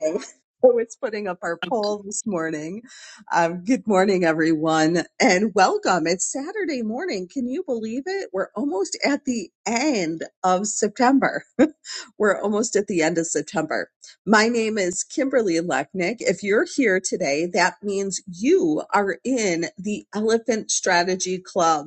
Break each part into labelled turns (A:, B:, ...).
A: morning. So it's putting up our poll this morning. Um, good morning, everyone, and welcome. It's Saturday morning. Can you believe it? We're almost at the end of September. We're almost at the end of September. My name is Kimberly Lechnick. If you're here today, that means you are in the Elephant Strategy Club.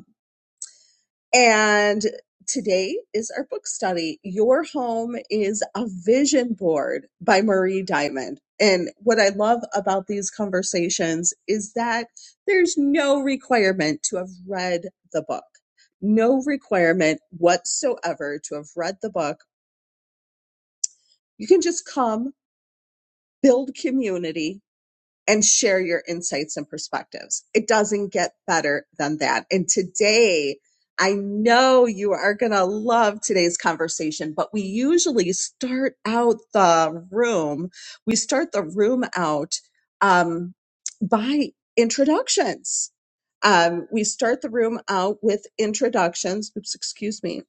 A: And today is our book study. Your Home is a Vision Board by Marie Diamond. And what I love about these conversations is that there's no requirement to have read the book, no requirement whatsoever to have read the book. You can just come, build community, and share your insights and perspectives. It doesn't get better than that. And today, I know you are going to love today's conversation, but we usually start out the room. We start the room out um, by introductions. Um, we start the room out with introductions. Oops, excuse me.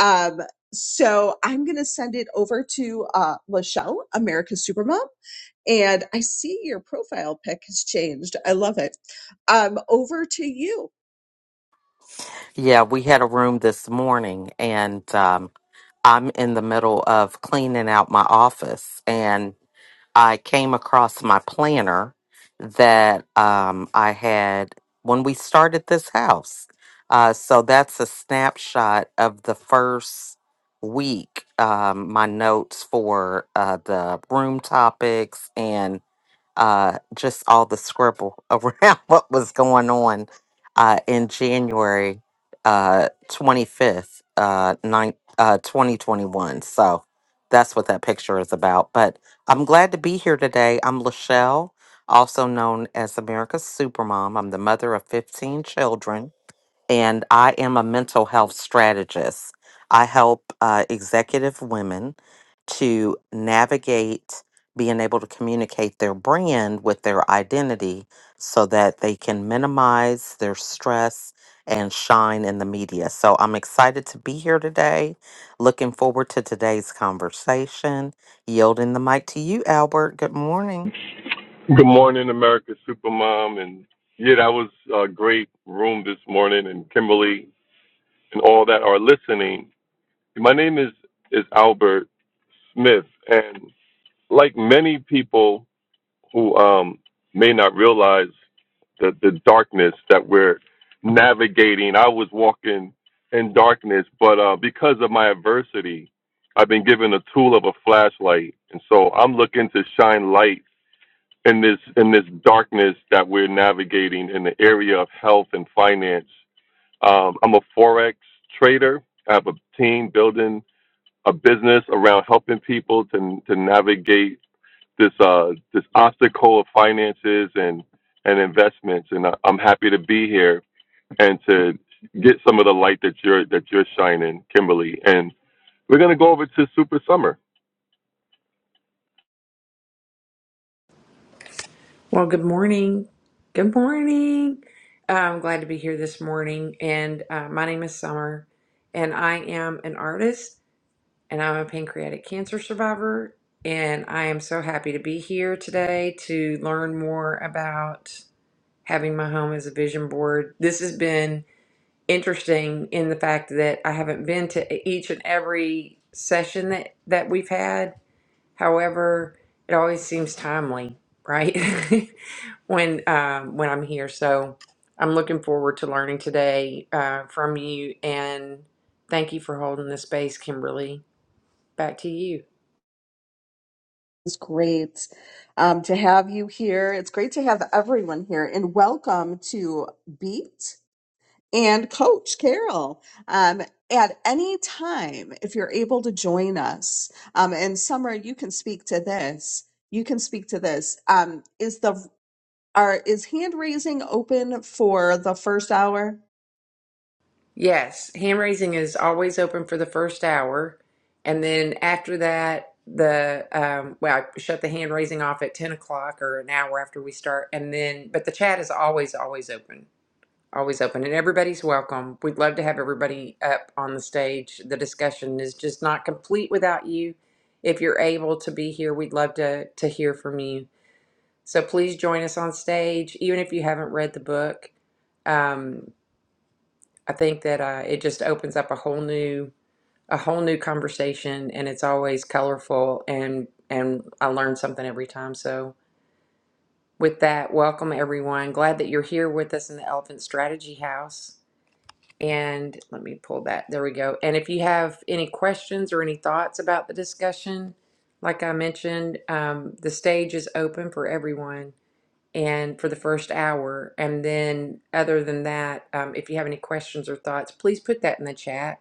A: Um, so I'm going to send it over to uh, Lachelle, America's Supermom and I see your profile pic has changed. I love it. Um, over to you.
B: Yeah, we had a room this morning, and um, I'm in the middle of cleaning out my office, and I came across my planner that um, I had when we started this house. Uh, so that's a snapshot of the first week. Um, my notes for uh, the room topics and uh, just all the scribble around what was going on uh, in January uh, 25th, uh, nine, uh, 2021. So that's what that picture is about. But I'm glad to be here today. I'm Lachelle, also known as America's Supermom. I'm the mother of 15 children and I am a mental health strategist. I help uh, executive women to navigate being able to communicate their brand with their identity so that they can minimize their stress and shine in the media. So I'm excited to be here today. Looking forward to today's conversation. Yielding the mic to you, Albert. Good morning.
C: Good morning, America Supermom. And yeah, that was a great room this morning. And Kimberly and all that are listening. My name is, is Albert Smith. And like many people who um, may not realize the, the darkness that we're navigating, I was walking in darkness, but uh, because of my adversity, I've been given a tool of a flashlight. And so I'm looking to shine light in this in this darkness that we're navigating in the area of health and finance. Um, I'm a forex trader. I have a team building a business around helping people to to navigate this uh, this obstacle of finances and and investments. And I, I'm happy to be here and to get some of the light that you're that you're shining, Kimberly. And we're gonna go over to Super Summer.
D: Well, good morning. Good morning. Uh, I'm glad to be here this morning. And uh, my name is Summer, and I am an artist, and I'm a pancreatic cancer survivor. And I am so happy to be here today to learn more about having my home as a vision board. This has been interesting in the fact that I haven't been to e-, each and every session that, that we've had However, it always seems timely, right? when um, when I'm here, so I'm looking forward to learning today uh, from you, and thank you for holding the space, Kimberly. Back to you.
A: It's great um, to have you here. It's great to have everyone here, and welcome to Beat and Coach Carol. Um, at any time, if you're able to join us, um, and Summer, you can speak to this. You can speak to this. Um, is the are is hand raising open for the first hour?
D: Yes, hand raising is always open for the first hour, and then after that, the um, well, I shut the hand raising off at ten o'clock or an hour after we start, and then but the chat is always always open Always open, and everybody's welcome. We'd love to have everybody up on the stage. The discussion is just not complete without you. If you're able to be here, we'd love to to hear from you. So please join us on stage, even if you haven't read the book. Um, I think that uh, it just opens up a whole new a whole new conversation, and it's always colorful and and I learn something every time. So with that, welcome everyone. Glad that you're here with us in the Elephant Strategy House. And let me pull that. There we go. And if you have any questions or any thoughts about the discussion, like I mentioned, um, the stage is open for everyone and for the first hour. And then, other than that, um, if you have any questions or thoughts, please put that in the chat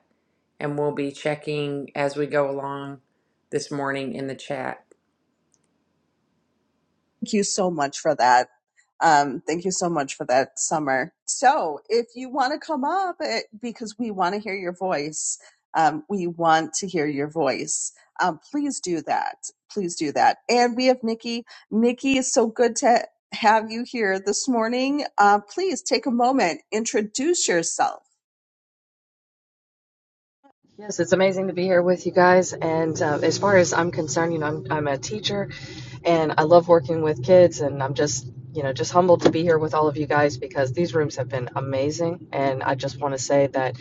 D: and we'll be checking as we go along this morning in the chat.
A: Thank you so much for that. Um, thank you so much for that, Summer. So, if you want to come up, eh, because we want to hear your voice, um, we want to hear your voice. Um, please do that. Please do that. And we have Nikki. Nikki, it's so good to have you here this morning. Uh, please take a moment, introduce yourself.
E: Yes, it's amazing to be here with you guys. And uh, as far as I'm concerned, you know, I'm, I'm a teacher and I love working with kids. And I'm just, you know, just humbled to be here with all of you guys because these rooms have been amazing. And I just want to say that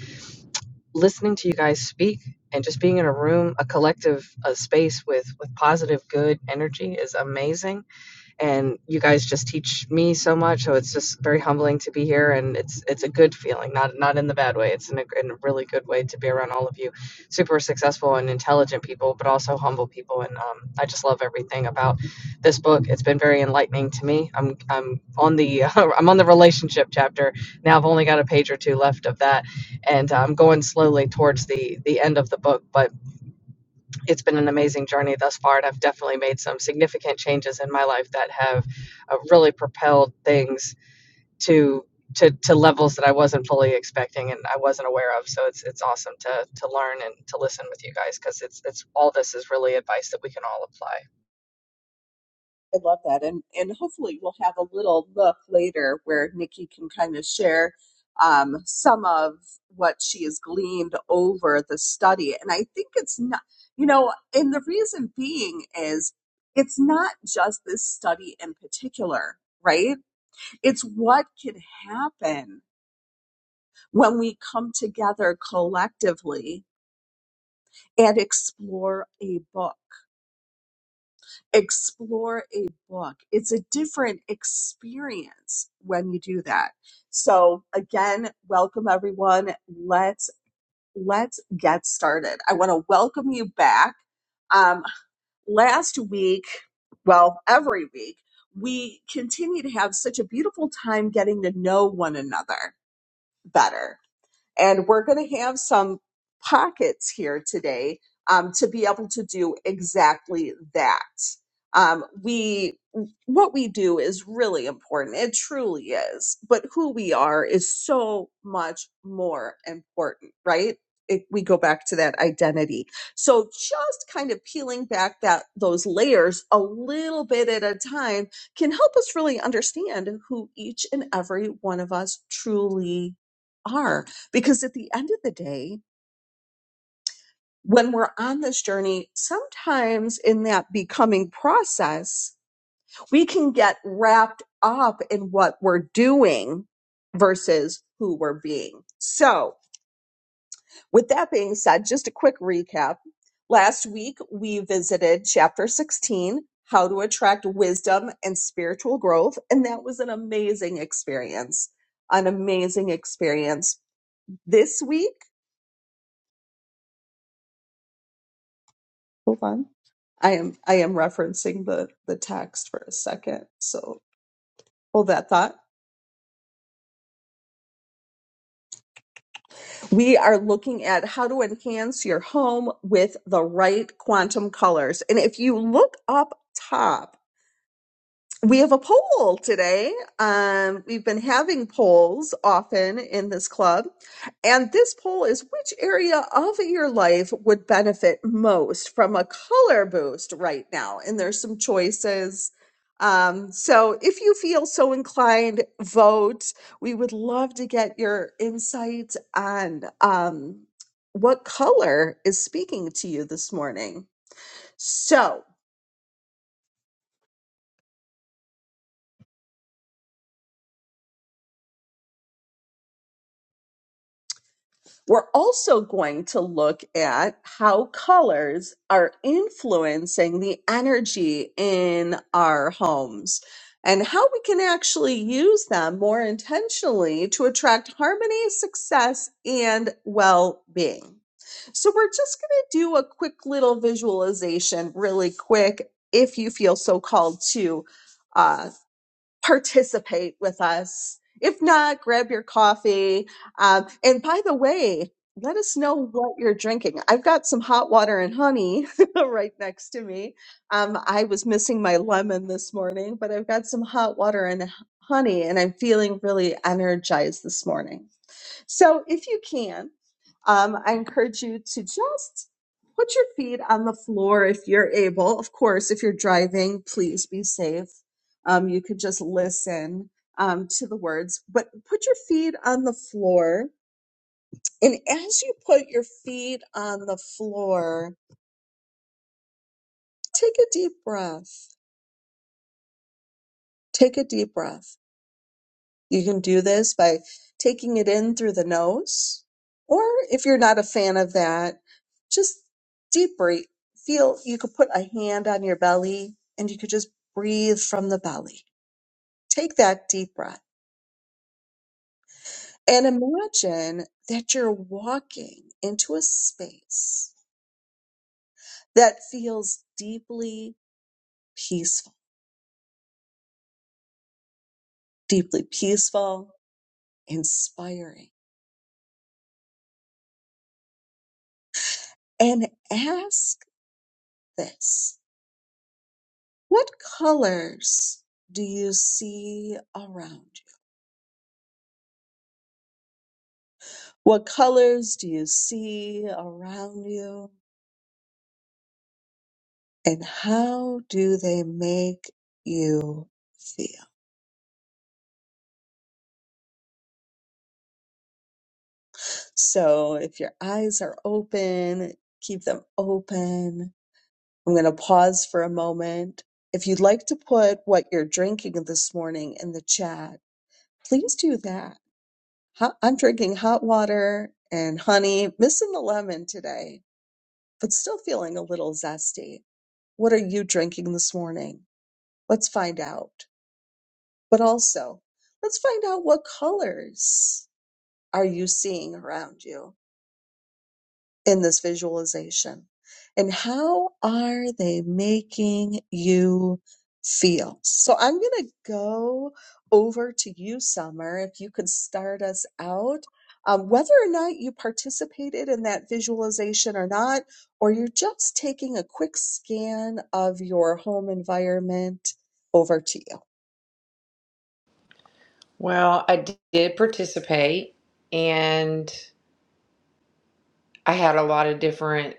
E: listening to you guys speak and just being in a room, a collective a space with, with positive, good energy is amazing and you guys just teach me so much so it's just very humbling to be here and it's it's a good feeling not not in the bad way it's in a, in a really good way to be around all of you super successful and intelligent people but also humble people and um, i just love everything about this book it's been very enlightening to me i'm i'm on the i'm on the relationship chapter now i've only got a page or two left of that and uh, i'm going slowly towards the the end of the book but it's been an amazing journey thus far, and I've definitely made some significant changes in my life that have uh, really propelled things to to to levels that I wasn't fully expecting and I wasn't aware of. So it's it's awesome to to learn and to listen with you guys because it's it's all this is really advice that we can all apply. I
A: I love that. And and hopefully we'll have a little look later where Nikki can kind of share um, some of what she has gleaned over the study. And I think it's not, you know, and the reason being is it's not just this study in particular, right? It's what can happen when we come together collectively and explore a book. Explore a book. It's a different experience when you do that. So again, welcome everyone. Let's let's get started. I want to welcome you back. Um, last week, well, every week, we continue to have such a beautiful time getting to know one another better And we're going to have some pockets here today um, to be able to do exactly that. Um, we what we do is really important. It truly is. But who we are is so much more important, right? If we go back to that identity. So just kind of peeling back that those layers a little bit at a time can help us really understand who each and every one of us truly are because at the end of the day, when we're on this journey, sometimes in that becoming process, we can get wrapped up in what we're doing versus who we're being. So, with that being said, just a quick recap. Last week, we visited chapter 16, How to Attract Wisdom and Spiritual Growth. And that was an amazing experience. An amazing experience. This week, Hold on. I am I am referencing the the text for a second. So hold that thought. We are looking at how to enhance your home with the right quantum colors. And if you look up top We have a poll today. Um, we've been having polls often in this club. And this poll is which area of your life would benefit most from a color boost right now? And there's some choices. Um, so if you feel so inclined, vote. We would love to get your insights on um, what color is speaking to you this morning. So, We're also going to look at how colors are influencing the energy in our homes and how we can actually use them more intentionally to attract harmony, success, and well being. So, we're just going to do a quick little visualization, really quick, if you feel so called to. uh, participate with us. If not, grab your coffee. Um, and by the way, let us know what you're drinking. I've got some hot water and honey right next to me. Um, I was missing my lemon this morning, but I've got some hot water and h- honey, and I'm feeling really energized this morning. So if you can, um, I encourage you to just put your feet on the floor if you're able. Of course, if you're driving, please be safe. Um, you could just listen um, to the words, but put your feet on the floor. And as you put your feet on the floor, take a deep breath. Take a deep breath You can do this by taking it in through the nose, or if you're not a fan of that, just deep breathe. Feel you could put a hand on your belly and you could just breathe from the belly. Take that deep breath and imagine that you're walking into a space that feels deeply peaceful, deeply peaceful, inspiring, and ask this. What colors do you see around you? What colors do you see around you? And how do they make you feel? So if your eyes are open, keep them open. I'm going to pause for a moment. If you'd like to put what you're drinking this morning in the chat, please do that. Ho- I'm drinking hot water and honey, missing the lemon today but still feeling a little zesty. What are you drinking this morning? Let's find out. But also, let's find out what colors are you seeing around you? in this visualization. And how are they making you feel? So I'm going to go over to you, Summer, if you could start us out. Um, whether or not you participated in that visualization or not, or you're just taking a quick scan of your home environment, over to you.
D: Well, I did participate and I had a lot of different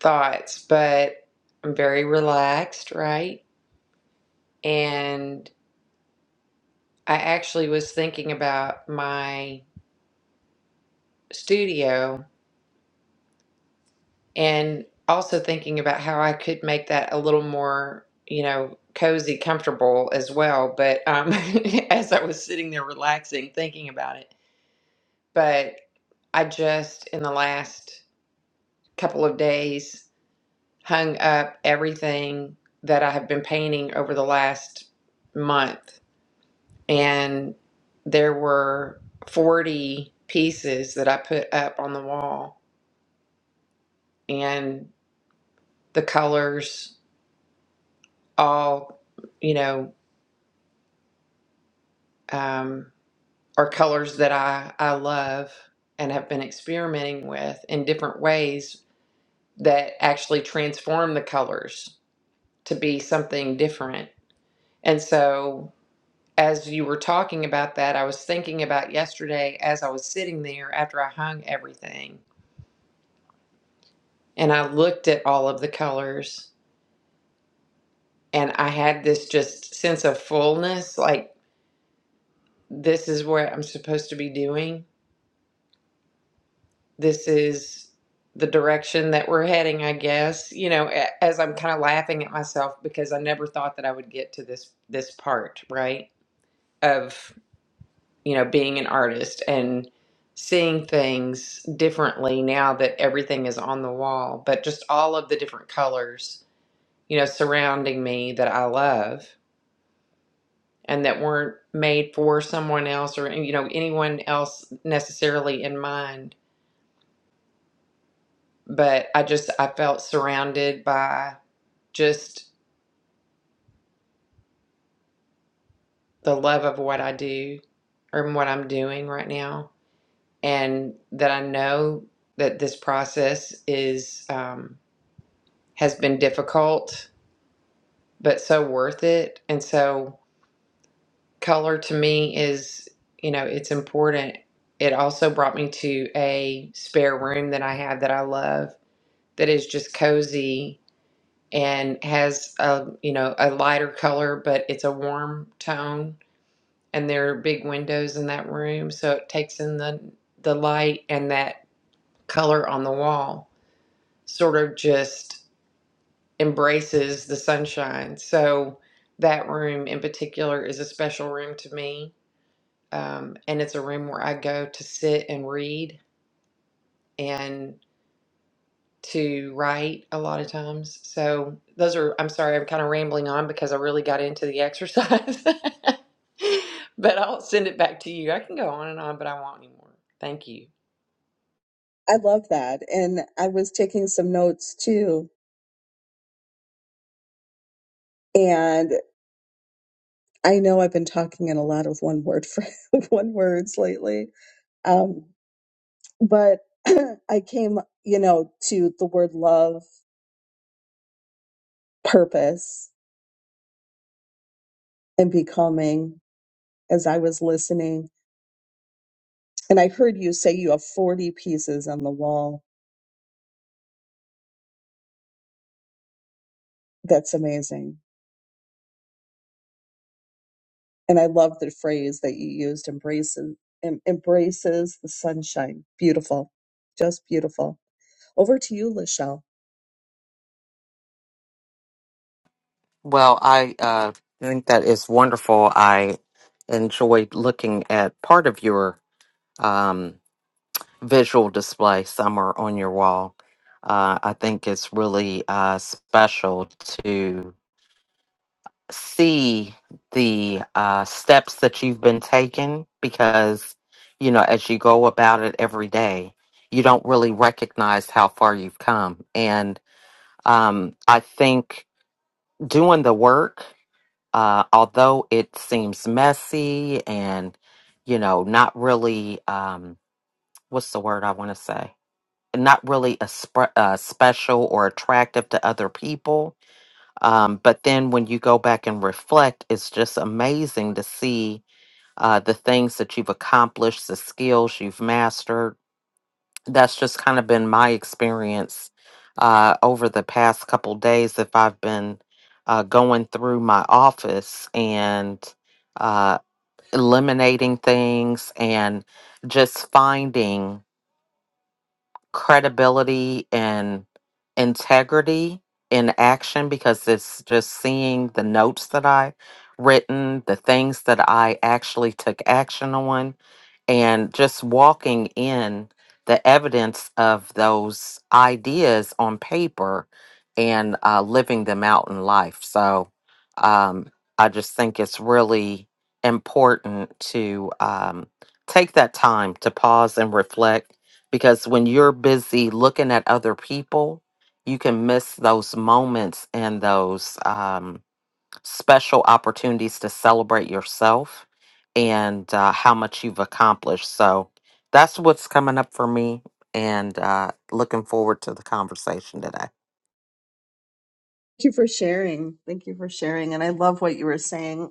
D: thoughts, but I'm very relaxed, right? And I actually was thinking about my studio and also thinking about how I could make that a little more, you know, cozy, comfortable as well. But um, as I was sitting there relaxing, thinking about it, but I just in the last couple of days hung up everything that I have been painting over the last month and there were 40 pieces that I put up on the wall, and the colors all, you know, um, are colors that I, I love and have been experimenting with in different ways that actually transform the colors to be something different. And so, as you were talking about that, I was thinking about yesterday as I was sitting there after I hung everything and I looked at all of the colors and I had this just sense of fullness like this is what I'm supposed to be doing. This is the direction that we're heading, I guess. You know, a- as I'm kind of laughing at myself because I never thought that I would get to this this part, right? Of, you know, being an artist and seeing things differently now that everything is on the wall, but just all of the different colors, you know, surrounding me that I love and that weren't made for someone else or you know anyone else necessarily in mind but i just i felt surrounded by just the love of what i do or what i'm doing right now and that i know that this process is um, has been difficult but so worth it and so color to me is you know it's important it also brought me to a spare room that i have that i love that is just cozy and has a you know a lighter color but it's a warm tone and there are big windows in that room so it takes in the the light and that color on the wall sort of just embraces the sunshine so that room in particular is a special room to me um, and it's a room where i go to sit and read and. to write a lot of times. So those are, I'm sorry, I'm kind of rambling on because I really got into the exercise. but I'll send it back to you. I can go on and on, but I won't anymore. Thank you.
A: I love that. And I was taking some notes too. and. I know I've been talking in a lot of one word for one words lately. Um, but I came, you know, to the word love, purpose, and becoming as I was listening. And I heard you say you have 40 pieces on the wall. That's amazing. And I love the phrase that you used, embraces, em- embraces the sunshine. Beautiful. Just beautiful. Over to you, Lachelle.
B: Well, I uh, think that is wonderful. I enjoyed looking at part of your um, visual display somewhere on your wall. Uh, I think it's really uh, special to see the uh, steps that you've been taking because, you know, as you go about it every day, you don't really recognize how far you've come. And um, I think doing the work Uh, although it seems messy and, you know, not really, um, what's the word I want to say? Not really a sp- uh, special or attractive to other people. Um, but then when you go back and reflect, it's just amazing to see uh, the things that you've accomplished, the skills you've mastered that's just kind of been my experience uh, over the past couple days if i've been uh, going through my office and uh, eliminating things and just finding credibility and integrity in action because it's just seeing the notes that i written the things that i actually took action on and just walking in the evidence of those ideas on paper and uh, living them out in life. So um, I just think it's really important to um, take that time to pause and reflect because when you're busy looking at other people, you can miss those moments and those. Um, special opportunities to celebrate yourself and uh, how much you've accomplished. So that's what's coming up for me, and uh, looking forward to the conversation today.
A: Thank you for sharing. Thank you for sharing. And I love what you were saying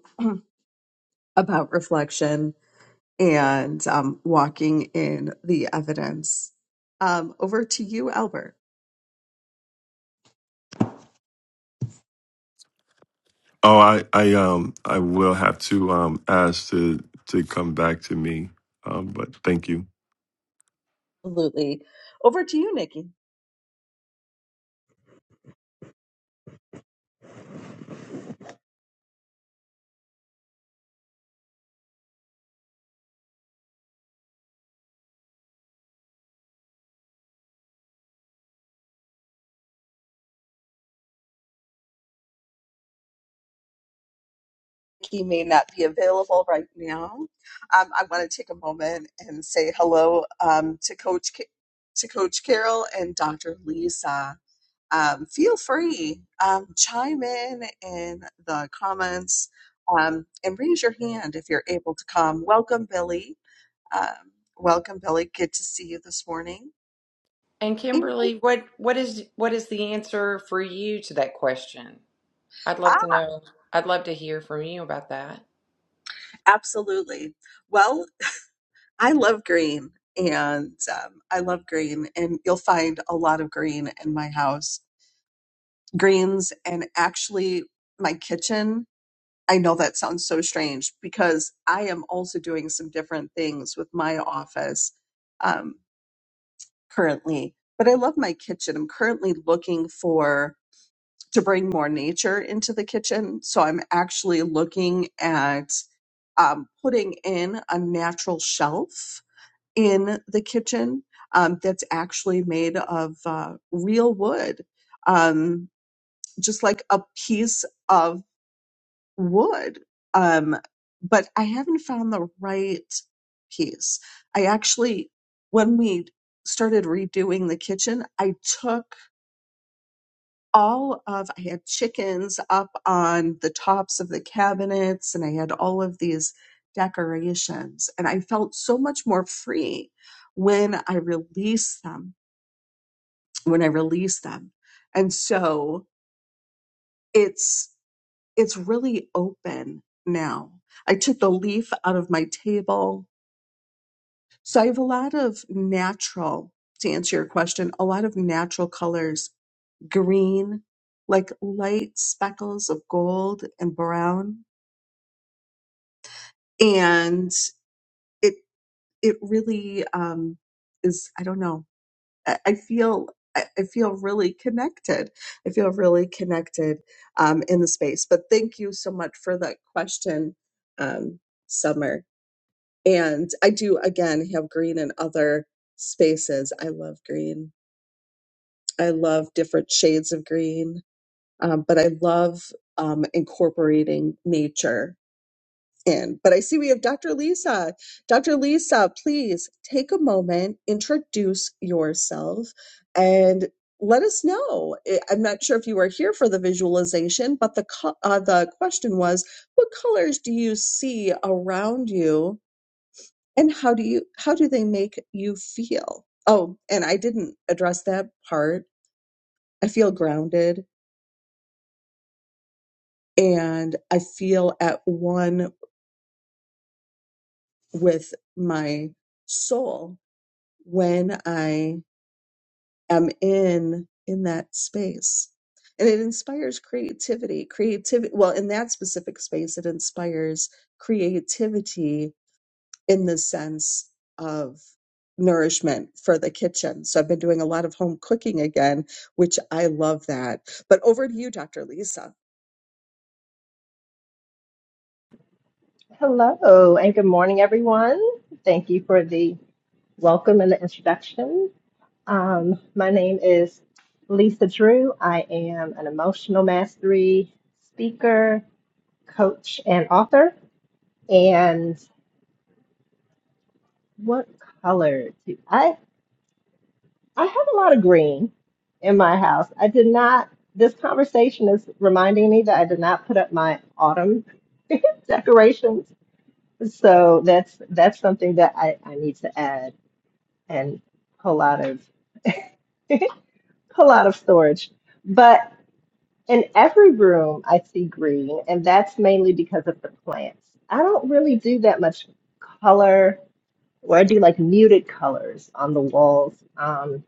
A: about reflection and um, walking in the evidence. Um, over to you, Albert.
C: Oh, I, I, um, I will have to um, ask to to come back to me. Um, but thank you.
A: Absolutely. Over to you, Nikki. Nikki may not be available right now. Um, I want to take a moment and say hello um, to Coach Ca- to Coach Carol and Dr. Lisa. Um, feel free um, chime in in the comments um, and raise your hand if you're able to come. Welcome, Billy. Um, welcome, Billy. Good to see you this morning.
D: And Kimberly, what what is what is the answer for you to that question? I'd love
A: Ah,
D: to know. I'd love to hear from you about that.
A: absolutely. Well, I love green and um, I love green, and you'll find a lot of green in my house. Greens and actually my kitchen. I know that sounds so strange because I am also doing some different things with my office um, currently, but I love my kitchen. I'm currently looking for to bring more nature into the kitchen. So I'm actually looking at um, putting in a natural shelf in the kitchen um, that's actually made of uh, real wood, um, just like a piece of wood. Um, but I haven't found the right piece. I actually, when we started redoing the kitchen, I took all of I had chickens up on the tops of the cabinets and I had all of these decorations and I felt so much more free when I released them when I released them and so it's it's really open now I took the leaf out of my table so I have a lot of natural to answer your question a lot of natural colors green, like light speckles of gold and brown. And it it really um, is. I don't know. I, I feel I I feel really connected. I feel really connected um, in the space. But thank you so much for that question, um, Summer. And I do again have green in other spaces. I love green. I love different shades of green um, but I love um, incorporating nature in. But I see we have Dr. Lisa. Dr. Lisa, please take a moment, introduce yourself, and let us know. I- I'm not sure if you were here for the visualization, but the co- uh, the question was, what colors do you see around you, and how do you how do they make you feel? Oh, and I didn't address that part. I feel grounded and I feel at one with my soul when I am in in that space. And it inspires creativity. Creativity well, in that specific space, it inspires creativity in the sense of nourishment for the kitchen. So I've been doing a lot of home cooking again, which I love that. But over to you, Dr. Lisa.
F: Hello and good morning, everyone. Thank you for the welcome and the introduction. Um, my name is Lisa Drew. I am an emotional mastery speaker, coach, and author. And what color do I? I have a lot of green in my house. I did not. This conversation is reminding me that I did not put up my autumn decorations. So that's that's something that I, I need to add. and whole lot of whole lot of storage. But in every room, I see green, and that's mainly because of the plants. I don't really do that much color, or I do like muted colors on the walls. Um,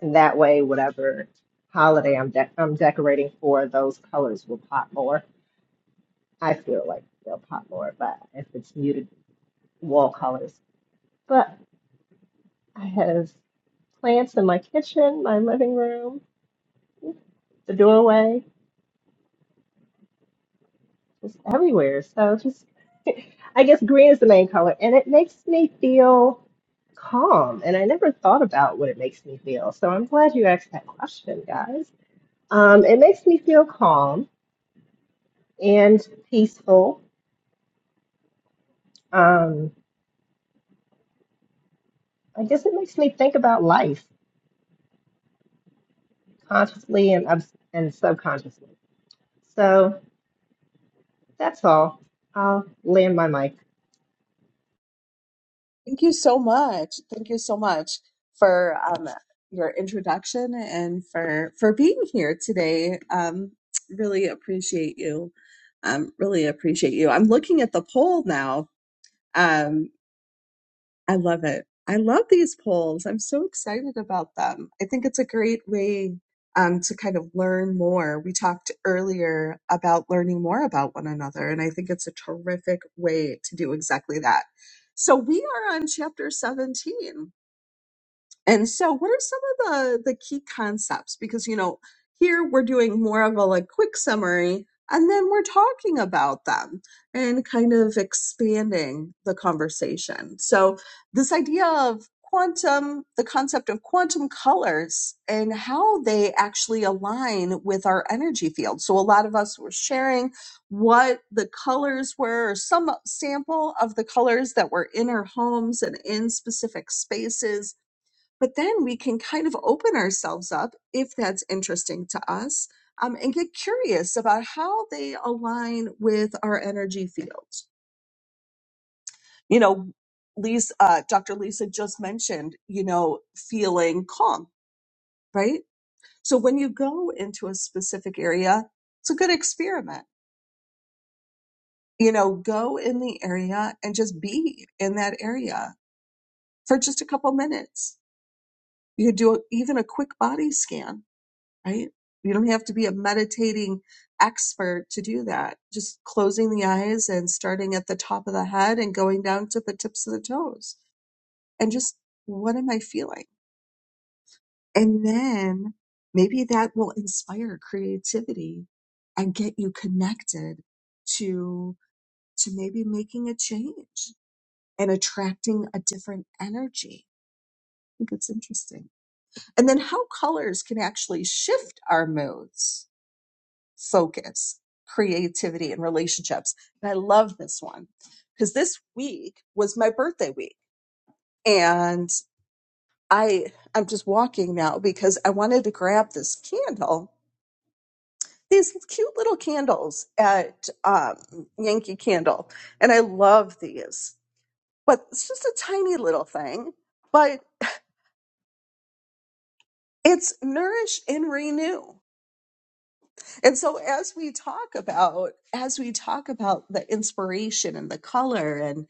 F: and that way, whatever holiday I'm de- I'm decorating for, those colors will pop more. I feel like they'll pop more, but if it's muted wall colors. But I have plants in my kitchen, my living room, the doorway. It's everywhere. So just, I guess green is the main color, and it makes me feel calm. And I never thought about what it makes me feel. So I'm glad you asked that question, guys. Um, it makes me feel calm and peaceful. Um, I guess it makes me think about life consciously and obs- and subconsciously. So that's all. I'll land my mic.
A: Thank you so much. Thank you so much for um, your introduction and for for being here today. Um, really appreciate you. Um, really appreciate you. I'm looking at the poll now. Um, I love it. I love these polls. I'm so excited about them. I think it's a great way um, to kind of learn more. We talked earlier about learning more about one another, and I think it's a terrific way to do exactly that. So we are on chapter 17. And so, what are some of the the key concepts? Because you know, here we're doing more of a like quick summary, and then we're talking about them and kind of expanding the conversation. So, this idea of quantum, the concept of quantum colors and how they actually align with our energy field. So, a lot of us were sharing what the colors were, or some sample of the colors that were in our homes and in specific spaces but then we can kind of open ourselves up if that's interesting to us um, and get curious about how they align with our energy fields you know lisa uh, dr lisa just mentioned you know feeling calm right so when you go into a specific area it's a good experiment you know go in the area and just be in that area for just a couple minutes you could do even a quick body scan right? You don't have to be a meditating expert to do that. Just closing the eyes and starting at the top of the head and going down to the tips of the toes. And just what am I feeling? And then maybe that will inspire creativity and get you connected to to maybe making a change and attracting a different energy. I think it's interesting. And then how colors can actually shift our moods focus, creativity, and relationships. And I love this one because this week was my birthday week. And I, I'm just walking now because I wanted to grab this candle, these cute little candles at um, Yankee Candle. And I love these, but it's just a tiny little thing, but it's nourish and renew. And so as we talk about, as we talk about the inspiration and the color and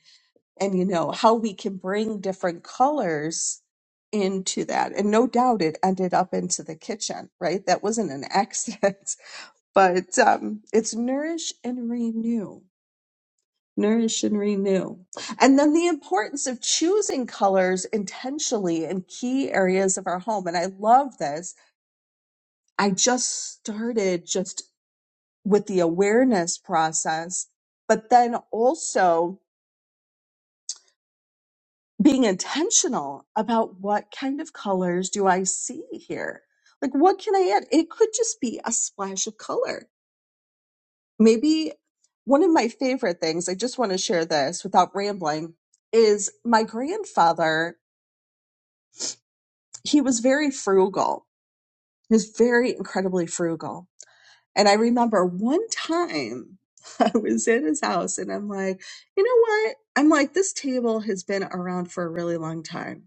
A: and you know how we can bring different colors into that and no doubt it ended up into the kitchen right that wasn't an accident but um it's nourish and renew nourish and renew and then the importance of choosing colors intentionally in key areas of our home and i love this i just started just with the awareness process but then also being intentional about what kind of colors do I see here? Like, what can I add? It could just be a splash of color. Maybe one of my favorite things, I just want to share this without rambling, is my grandfather, he was very frugal. He was very incredibly frugal. And I remember one time I was in his house and I'm like, you know what? I'm like, this table has been around for a really long time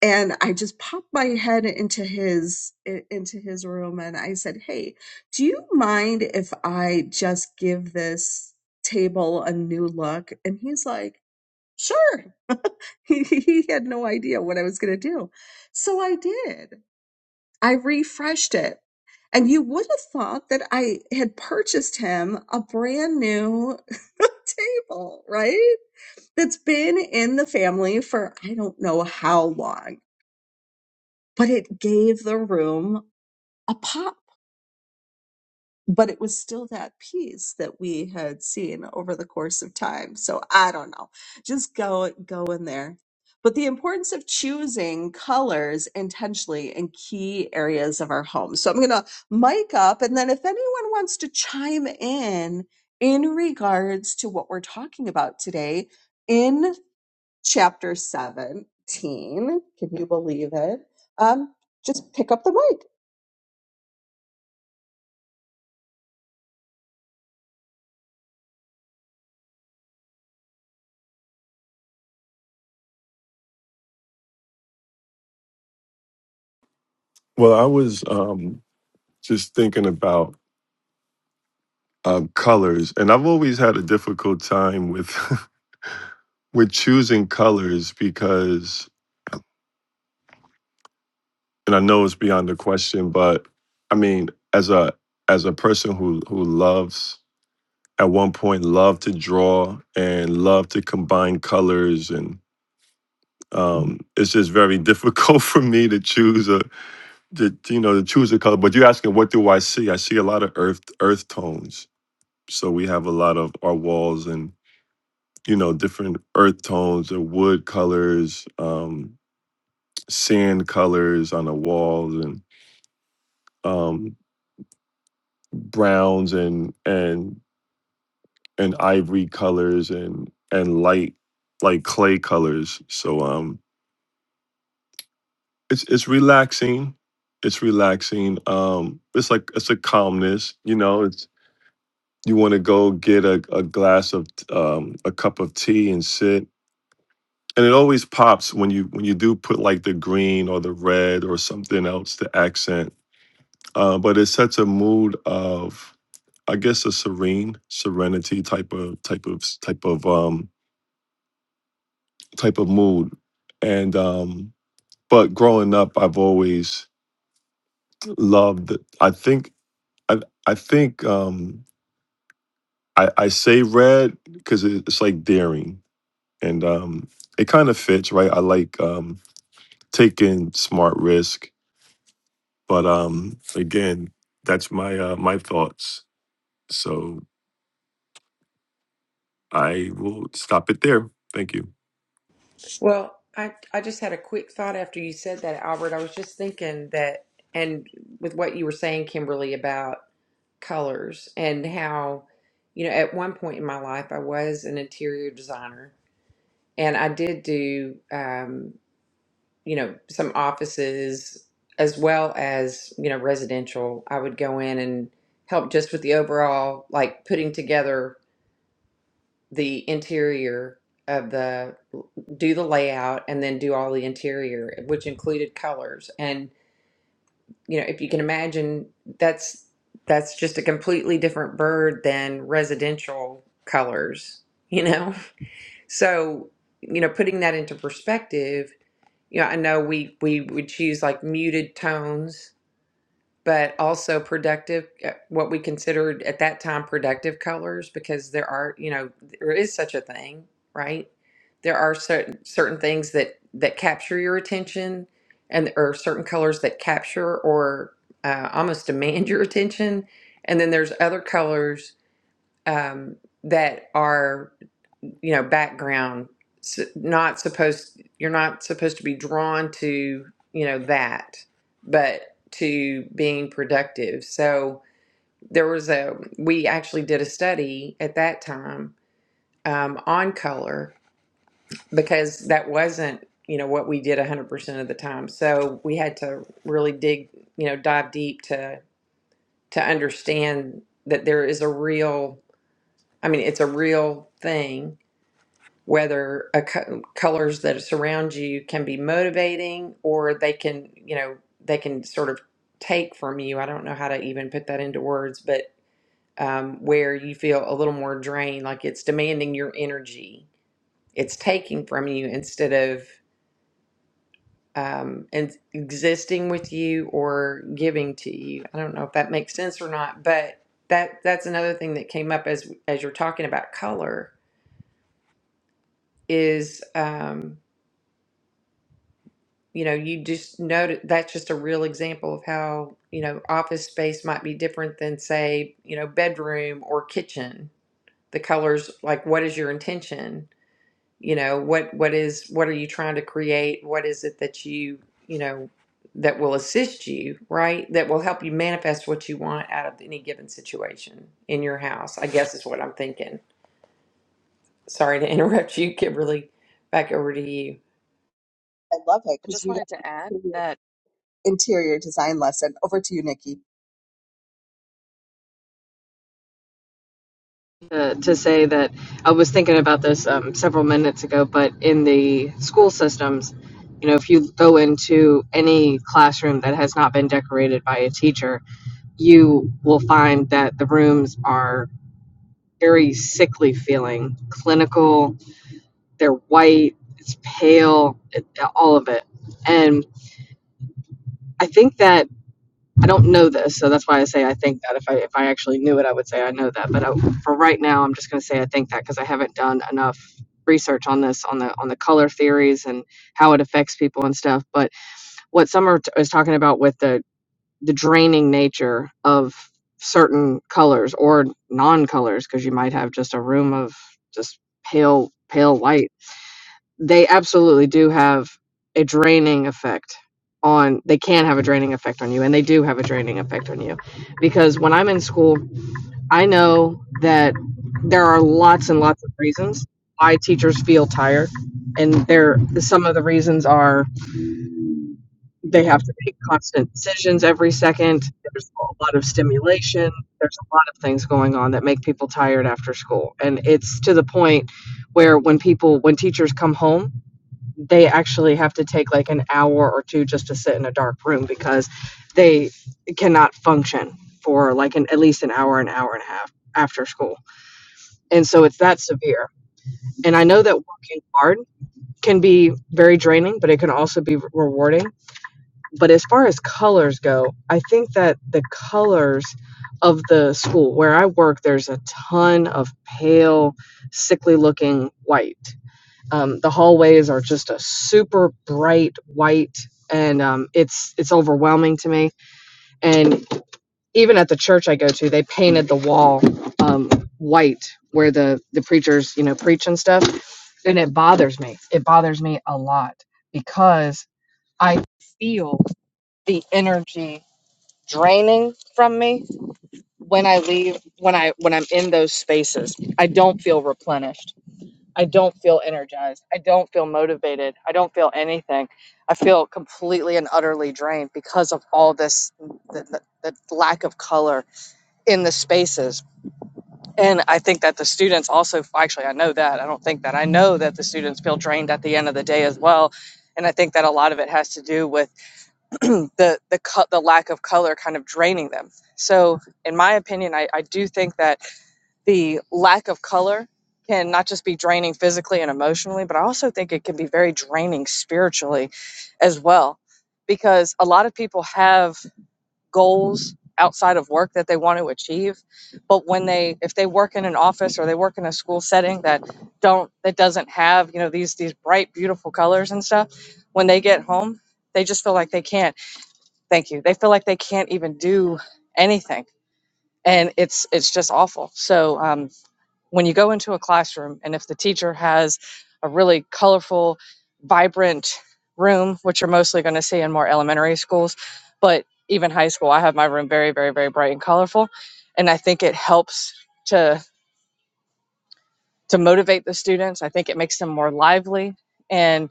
A: and I just popped my head into his into his room and I said, "Hey, do you mind if I just give this table a new look?" And he's like, "Sure." He, he had no idea what I was going to do. So I did. I refreshed it. And you would have thought that I had purchased him a brand new table, right? That's been in the family for I don't know how long but it gave the room a pop. But it was still that piece that we had seen over the course of time. So I don't know. Just go go in there. But the importance of choosing colors intentionally in key areas of our home. So I'm gonna mic up and then if anyone wants to chime in in regards to what we're talking about today in chapter 17, can you believe it? Um, just pick up the mic.
C: Well, I was um, just thinking about um, colors, and I've always had a difficult time with with choosing colors because, and I know it's beyond the question, but I mean, as a as a person who who loves at one point loved to draw and loved to combine colors and um, it's just very difficult for me to choose a. the you know to choose a color but you're asking what do i see i see a lot of earth earth tones so we have a lot of our walls and you know different earth tones or wood colors um sand colors on the walls and um browns and and and ivory colors and and light like clay colors so um it's it's relaxing it's relaxing um it's like it's a calmness you know you want to go get a, a glass of um, a cup of tea and sit and it always pops when you when you do put like the green or the red or something else to accent uh, but it sets a mood of i guess a serene serenity type of type of type of um type of mood and um but growing up i've always loved i think i i think um i i say red because it's like daring and um, it kind of fits, right? I like um, taking smart risk, but um, again, that's my uh, my thoughts. So I will stop it there. Thank you.
D: Well, I I just had a quick thought after you said that, Albert. I was just thinking that, and with what you were saying, Kimberly, about. colors and how, you know, at one point in my life, I was an interior designer and I did do, um, you know, some offices as well as, you know, residential. I would go in and help just with the overall, like putting together the interior of the, do the layout and then do all the interior, which included colors. And you know, if you can imagine, that's that's just a completely different bird than residential colors, you know. So, you know, putting that into perspective, you know, I know we we would choose like muted tones but also productive, uh, what we considered at that time productive colors, because there are, you know, there is such a thing, right? There are certain certain things that that capture your attention, and or certain colors that capture or uh, almost demand your attention, and then there's other colors um, that are you know background s not supposed you're not supposed to be drawn to you know that but to being productive so there was a we actually did a study at that time um, on color because that wasn't you know what we did 100% of the time so we had to really dig you know dive deep to to understand that there is a real i mean it's a real thing whether a co- colors that surround you can be motivating or they can you know they can sort of take from you i don't know how to even put that into words but um, where you feel a little more drained like it's demanding your energy it's taking from you instead of um, and existing with you or giving to you i don't know if that makes sense or not but that that's another thing that came up as as you're talking about color is Um, you know, you just noted that's just a real example of how, you know, office space might be different than, say, you know, bedroom or kitchen. The colors, like what is your intention? You know, what what is what are you trying to create? What is it that you, you know, that will assist you, right? That will help you manifest what you want out of any given situation in your house, I guess is what I'm thinking. Sorry to interrupt you, Kimberly. Back over to you.
A: I love it because
E: just
A: we got
E: wanted to add
A: an interior
E: that
A: interior design lesson. Over to you, Nikki.
E: uh, to say that I was thinking about this um, several minutes ago, but in the school systems. You know, if you go into any classroom that has not been decorated by a teacher, you will find that the rooms are very sickly feeling, clinical, they're white, it's pale, it, all of it. And I think that I don't know this, so that's why I say I think that. If I if I actually knew it, I would say I know that. But I, for right now, I'm just going to say I think that because I haven't done enough research on this on the on the color theories and how it affects people and stuff. But what Summer t- was talking about with the the draining nature of certain colors or non-colors because you might have just a room of just pale pale white they absolutely do have a draining effect on they can have a draining effect on you and they do have a draining effect on you because when i'm in school i know that there are lots and lots of reasons why teachers feel tired and there some of the reasons are they have to make constant decisions every second. There's a lot of stimulation. There's a lot of things going on that make people tired after school. And it's to the point where when people, when teachers come home, they actually have to take like an hour or two just to sit in a dark room because they cannot function for like an at least an hour, an hour and a half after school. And so it's that severe. And I know that working hard can be very draining, but it can also be rewarding but as far as colors go, I think that the colors of the school where I work, there's a ton of pale, sickly looking white. Um, the hallways are just a super bright white, and um, it's it's overwhelming to me. And even at the church I go to, they painted the wall um, white where the the preachers you know preach and stuff, and it bothers me. It bothers me a lot because I feel the energy draining from me when I leave when I when I'm in those spaces. I don't feel replenished. I don't feel energized. I don't feel motivated. I don't feel anything. I feel completely and utterly drained because of all this the, the, the lack of color in the spaces. And I think that the students also actually I know that. I don't think that. I know that the students feel drained at the end of the day as well. And I think that a lot of it has to do with the the co- the lack of color kind of draining them. So, in my opinion, I, I do think that the lack of color can not just be draining physically and emotionally, but I also think it can be very draining spiritually as well, because a lot of people have goals outside of work that they want to achieve, but when they if they work in an office or they work in a school setting that don't that doesn't have you know these these bright beautiful colors and stuff, when they get home they just feel like they can't. Thank you. They feel like they can't even do anything, and it's it's just awful. So um, when you go into a classroom, and if the teacher has a really colorful, vibrant room, which you're mostly going to see in more elementary schools, but even high school, I have my room very, very, very bright and colorful, and I think it helps to to motivate the students. I think it makes them more lively, and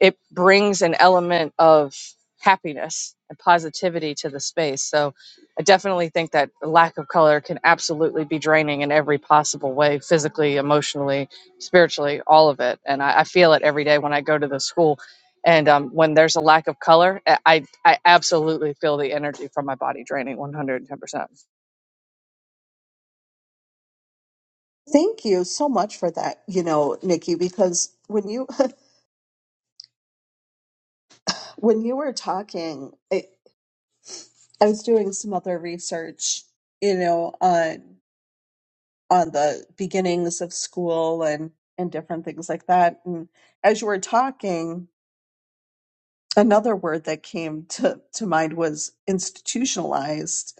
E: it brings an element of happiness and positivity to the space. So I definitely think that the lack of color can absolutely be draining in every possible way physically, emotionally, spiritually, all of it. And I, I feel it every day when I go to the school. And um, when there's a lack of color, I, I I absolutely feel the energy from my body draining 110%.
A: Thank you so much for that, you know, Nikki, because when you When you were talking, I, I was doing some other research, you know, on on the beginnings of school and and different things like that. And as you were talking, another word that came to to mind was institutionalized.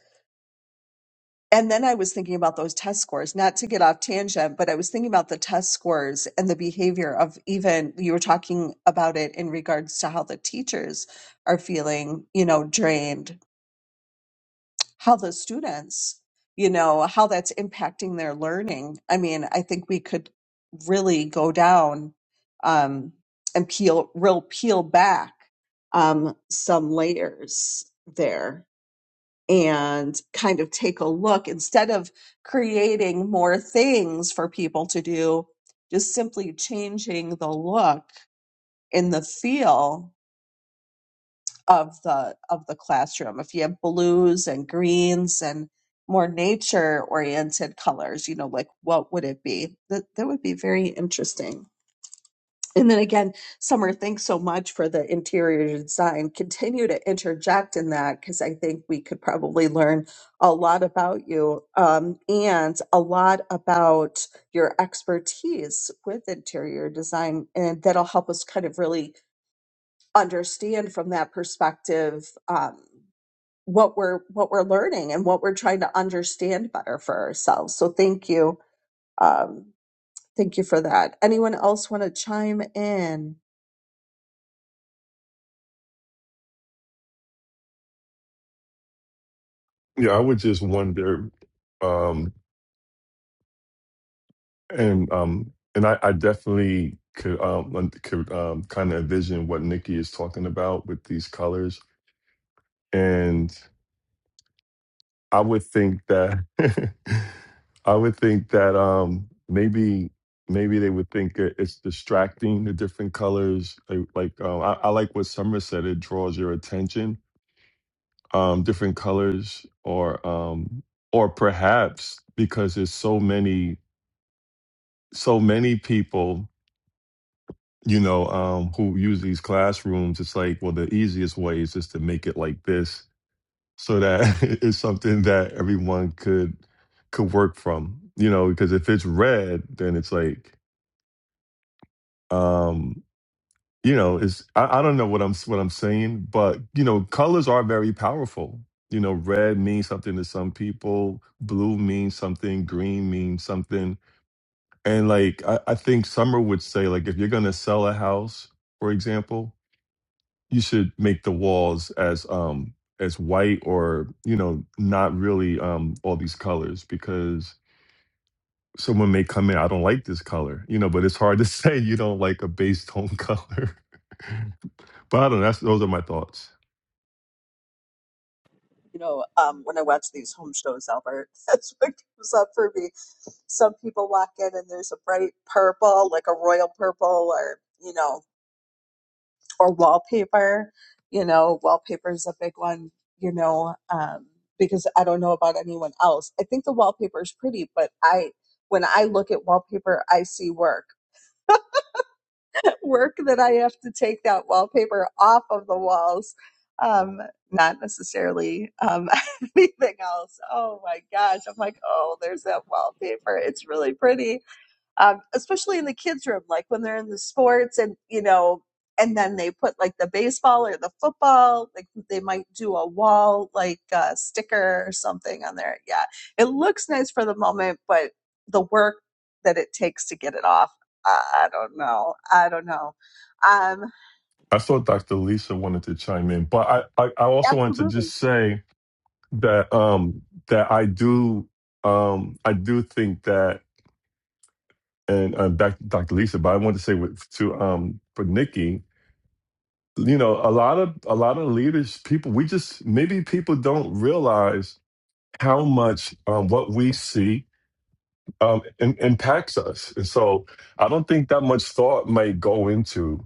A: And then I was thinking about those test scores, not to get off tangent, but I was thinking about the test scores and the behavior of even you were talking about it in regards to how the teachers are feeling, you know, drained how the students, you know, how that's impacting their learning. I mean, I think we could really go down um, and peel, real peel back um, some layers there and kind of take a look instead of creating more things for people to do, just simply changing the look and the feel of the of the classroom if you have blues and greens and more nature oriented colors you know like what would it be that that would be very interesting and then again summer thanks so much for the interior design continue to interject in that because i think we could probably learn a lot about you um, and a lot about your expertise with interior design and that'll help us kind of really understand from that perspective um, what we're what we're learning and what we're trying to understand better for ourselves. So thank you, um, thank you for that. Anyone else want to chime in?
C: Yeah, I would just wonder, um, and um, and I, I definitely could um, un- could um, kind of envision what Nikki is talking about with these colors, and. I would think that I would think that um maybe maybe they would think it- it's distracting the different colors like, like um, I, I like what Summer said it draws your attention um different colors or um or perhaps because there's so many so many people you know um who use these classrooms it's like well the easiest way is just to make it like this so that it's something that everyone could could work from you know because if it's red then it's like um you know it's I, I don't know what i'm what i'm saying but you know colors are very powerful you know red means something to some people blue means something green means something and like i, I think summer would say like if you're gonna sell a house for example you should make the walls as um as white or you know not really um all these colors because someone may come in i don't like this color you know but it's hard to say you don't like a base tone color but i don't know that's, those are my thoughts
A: You know, um, when I watch these home shows, Albert, that's what comes up for me. Some people walk in and there's a bright purple, like a royal purple, or you know. or wallpaper. You know, wallpaper is a big one, you know, um, because I don't know about anyone else. I think the wallpaper is pretty, but I, when I look at wallpaper, I see work, work that I have to take that wallpaper off of the walls. Um, not necessarily um, anything else. Oh my gosh. I'm like, oh, there's that wallpaper. It's really pretty um, especially in the kids' room, like when they're in the sports and, you know, and then they put like the baseball or the football, like they might do a wall, like uh, sticker or something on there. Yeah. It looks nice for the moment, but the work that it takes to get it off, I don't know. I don't know. Um,
C: i saw dr lisa wanted to chime in but i i, I also wanted to just
A: absolutely.
C: say that um that i do um i do think that and um, back to dr lisa but i wanted to say with, to um for nikki you know a lot of a lot of leaders people we just maybe people don't realize how much um, what we see um, im- impacts us and so i don't think that much thought might go into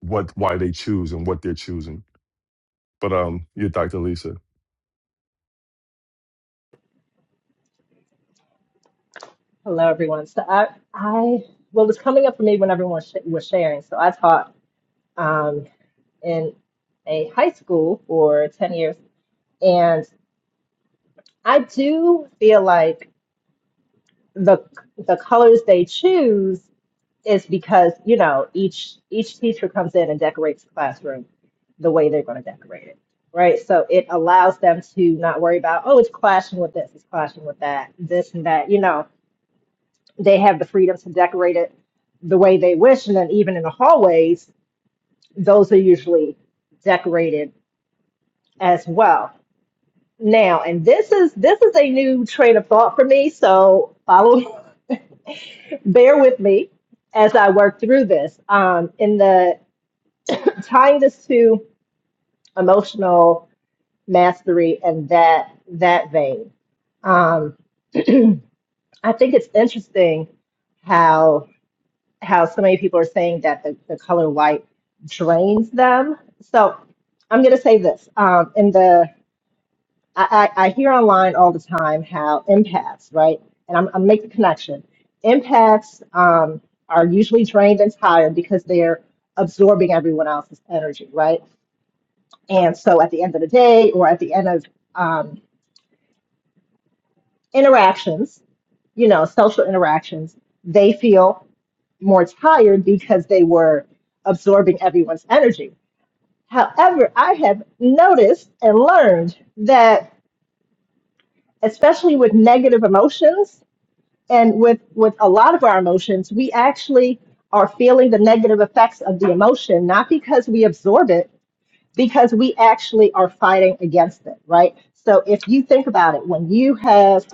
C: what why they choose and what they're choosing but um you dr lisa
F: Hello, everyone. So I, I well, it was coming up for me when everyone sh- was sharing. So I taught. Um, in a high school for 10 years and i do feel like the the colors they choose is because you know each each teacher comes in and decorates the classroom the way they're going to decorate it right so it allows them to not worry about oh it's clashing with this it's clashing with that this and that you know they have the freedom to decorate it the way they wish and then even in the hallways those are usually decorated as well Now, and this is this is a new train of thought for me, so follow bear with me as I work through this. Um, in the tying this to emotional mastery and that that vein, um, I think it's interesting how how so many people are saying that the, the color white drains them. So I'm going to say this um, in the I, I, I hear online all the time how empaths, right? And I'm, I'm making the connection. Empaths um, are usually drained and tired because they're absorbing everyone else's energy, right? And so at the end of the day or at the end of um, interactions, you know, social interactions, they feel more tired because they were absorbing everyone's energy. However, I have noticed and learned that, especially with negative emotions, and with with a lot of our emotions we actually are feeling the negative effects of the emotion not because we absorb it because we actually are fighting against it right so if you think about it when you have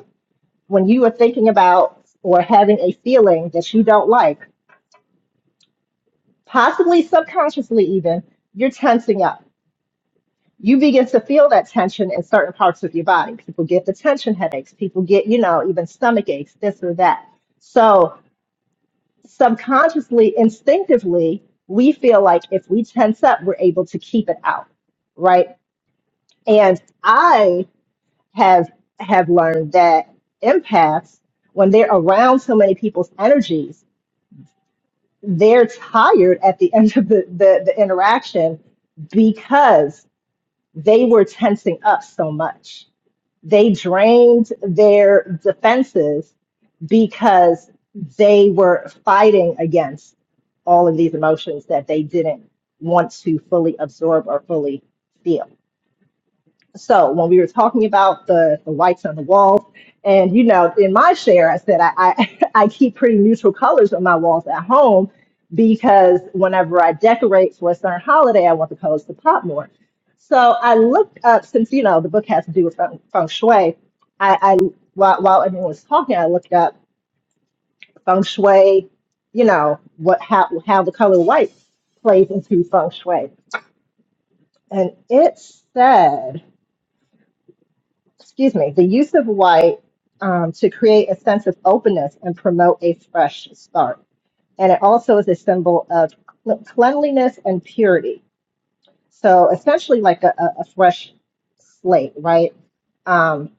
F: when you are thinking about or having a feeling that you don't like possibly subconsciously even you're tensing up you begin to feel that tension in certain parts of your body people get the tension headaches people get you know even stomach aches this or that so subconsciously, instinctively, we feel like if we tense up, we're able to keep it out, right? And I have have learned that empaths, when they're around so many people's energies, they're tired at the end of the, the, the interaction because they were tensing up so much. They drained their defenses because they were fighting against all of these emotions that they didn't want to fully absorb or fully feel. So when we were talking about the, the whites on the walls, and you know, in my share, I said I, I, I keep pretty neutral colors on my walls at home because whenever I decorate for a certain holiday, I want the colors to pop more. So I looked up since you know the book has to do with feng, feng shui. I, I while, while everyone was talking, I looked up feng shui. You know what how how the color white plays into feng shui, and it said. excuse me, the use of white um, to create a sense of openness and promote a fresh start. And it also is a symbol of cl- cleanliness and purity. So essentially, like a, a a fresh slate, right? Um,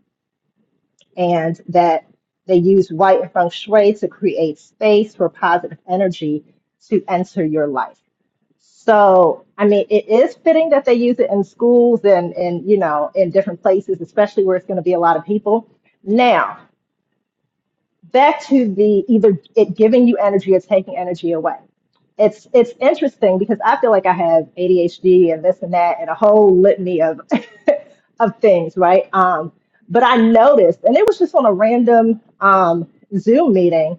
F: and that they use white and feng shui to create space for positive energy to enter your life. So, I mean, it is fitting that they use it in schools and, and you know, in different places, especially where it's going to be a lot of people. Now, back to the either it giving you energy or taking energy away. It's it's interesting because I feel like I have ADHD and this and that and a whole litany of of things, right? Um, but I noticed, and it was just on a random um, Zoom meeting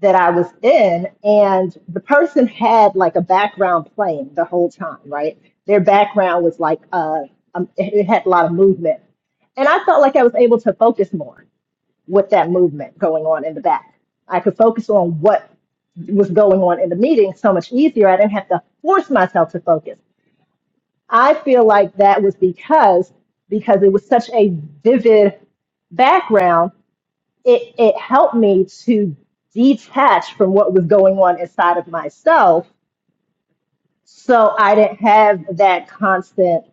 F: that I was in, and the person had like a background playing the whole time, right? Their background was like uh, um, it it had a lot of movement, and I felt like I was able to focus more with that movement going on in the back. I could focus on what was going on in the meeting so much easier. I didn't have to force myself to focus. I feel like that was because because it was such a vivid background it it helped me to detach from what was going on inside of myself so i didn't have that constant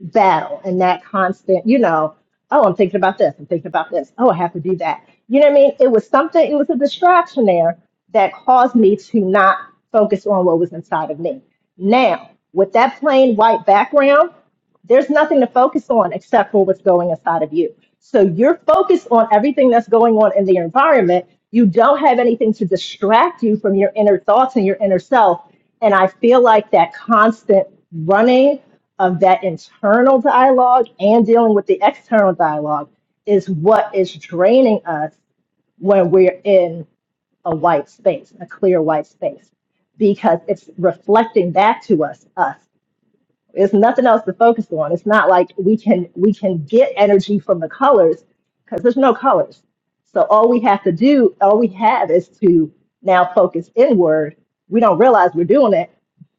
F: battle and that constant, you know, oh, I'm thinking about this, I'm thinking about this, oh, I have to do that. You know what I mean? It was something, it was a distraction there that caused me to not focus on what was inside of me. Now, with that plain white background, there's nothing to focus on except for what's going inside of you. So you're focused on everything that's going on in the environment. You don't have anything to distract you from your inner thoughts and your inner self. And I feel like that constant running of that internal dialogue and dealing with the external dialogue is what is draining us when we're in a white space, a clear white space, because it's reflecting back to us us. There's nothing else to focus on. It's not like we can we can get energy from the colors because there's no colors. So all we have to do, all we have is to now focus inward. We don't realize we're doing it,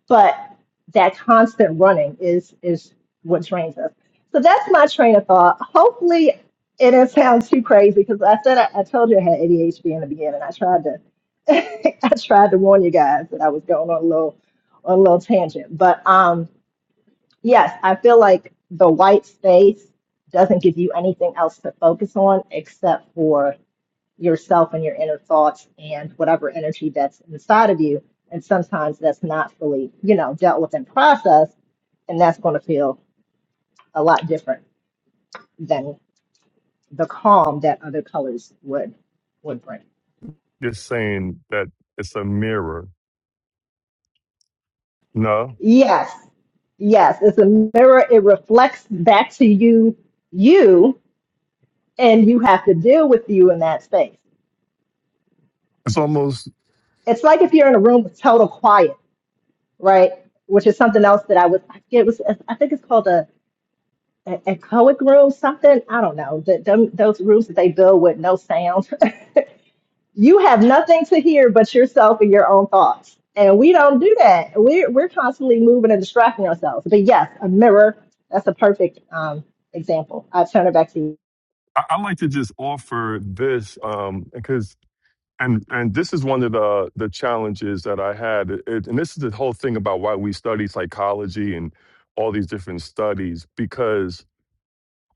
F: but that constant running is is what trains us. So that's my train of thought. Hopefully it didn't sound too crazy because I said I, I told you I had ADHD in the beginning. I tried to I tried to warn you guys that I was going on a little on a little tangent. But um Yes, I feel like the white space doesn't give you anything else to focus on except for yourself and your inner thoughts and whatever energy that's inside of you. And sometimes that's not fully, you know, dealt with and processed, and that's going to feel a lot different than the calm that other colors would would bring.
C: just saying that it's a mirror no
F: Yes, yes, it's a mirror. It reflects back to you, you, and you have to deal with you in that space.
C: it's almost
F: it's like if you're in a room with total quiet, right? Which is something else that I was, I forget, it was, I think it's called a, a echoic room, something. I don't know. The, them, those rooms that they build with no sound. you have nothing to hear but yourself and your own thoughts. And we don't do that. We're, we're constantly moving and distracting ourselves. But yes, a mirror, that's a perfect um, example. I turn it back to you.
C: i, I like to just offer this um, because. and and this is one of the the challenges that I had, it, and this is the whole thing about why we study psychology and all these different studies because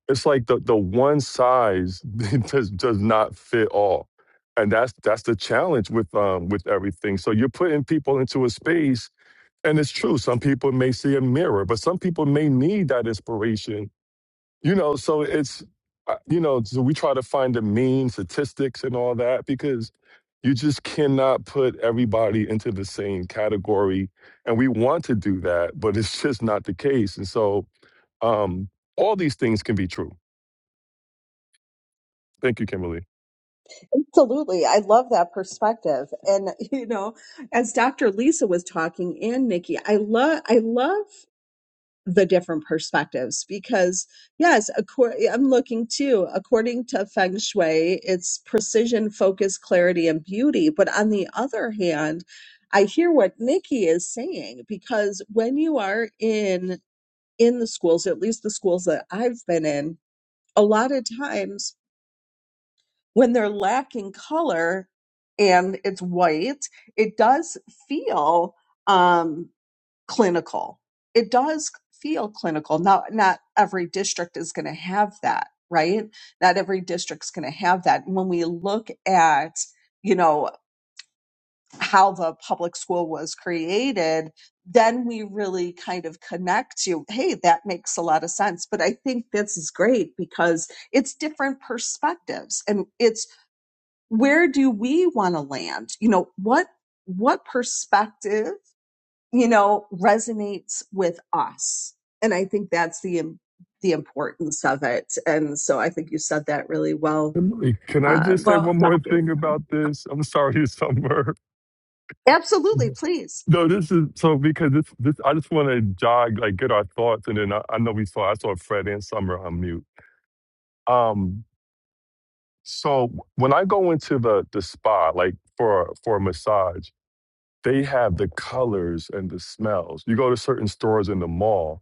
C: it's like the the one size does does not fit all, and that's that's the challenge with um with everything. So you're putting people into a space, and it's true. Some people may see a mirror, but some people may need that inspiration you know so it's uh, you know so we try to find the mean statistics and all that because you just cannot put everybody into the same category and we want to do that but it's just not the case and so um all these things can be true thank you kimberly
A: Absolutely. I love that perspective. And, you know, as Dr. Lisa was talking and Nikki, I love, I love the different perspectives because yes accor- i'm looking too according to feng shui it's precision focus clarity and beauty but on the other hand i hear what nikki is saying because when you are in in the schools at least the schools that i've been in a lot of times when they're lacking color and it's white it does feel um clinical. It does feel clinical. Not not every district is going to have that, right? Not every district's going to have that. When we look at you know how the public school was created, then we really kind of connect to, hey, that makes a lot of sense. But I think this is great because it's different perspectives and it's where do we want to land? You know, what what perspective you know, resonates with us. And I think that's the, im- the importance of it. And so I think you said that really well,
C: Kimberly, can i just
A: um,
C: say
D: Well.
C: one more
A: Dr.
C: thing about this i'm sorry summer
A: Absolutely. Please.
C: no this is so because this this i just want to jog like get our thoughts and then i, I know we saw i saw fred and summer on mute um So when I go into the the spa, like for for a massage, they have the colors and the smells. You go to certain stores in the mall.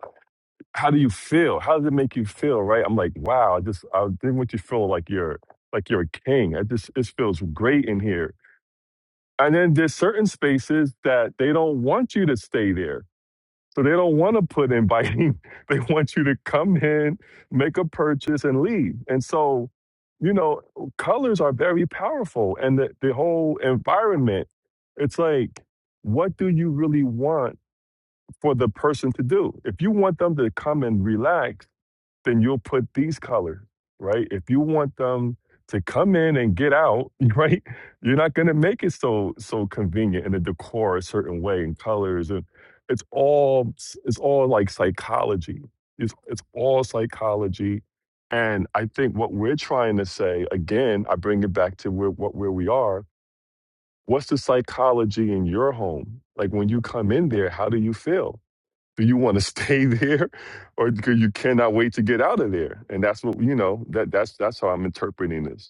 C: How do you feel? How does it make you feel? Right? I'm like, wow. I just I didn't want you to feel like you're like you're a king. I just it feels great in here. And then there's certain spaces that they don't want you to stay there. So they don't want to put inviting. They want you to come in, make a purchase, and leave. And so, you know, colors are very powerful. And the, the whole environment, it's like, what do you really want for the person to do? If you want them to come and relax, then you'll put these colors, right? If you want them to come in and get out, right? You're not going to make it so so convenient and the decor a certain way and colors and it's all it's all like psychology. It's it's all psychology. And I think what we're trying to say again, I bring it back to where what where we are. What's the psychology in your home? Like when you come in there, how do you feel? do you want to stay there or because you cannot wait to get out of there and that's what you know that that's that's how i'm interpreting this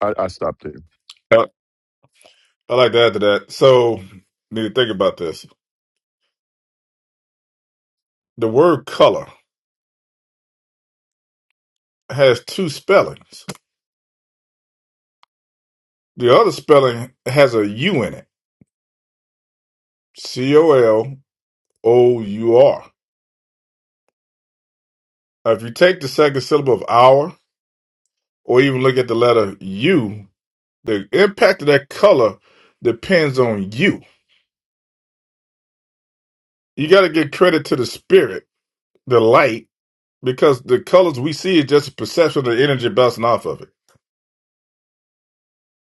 C: i, I stopped there
G: I I like to add to that. So, need to think about this. The word color has two spellings. The other spelling has a U in it. C O L O U R. Now, If you take the second syllable of hour, or even look at the letter U, the impact of that color depends on you. You got to give credit to the spirit, the light, because the colors we see is just a perception of the energy bouncing off of it.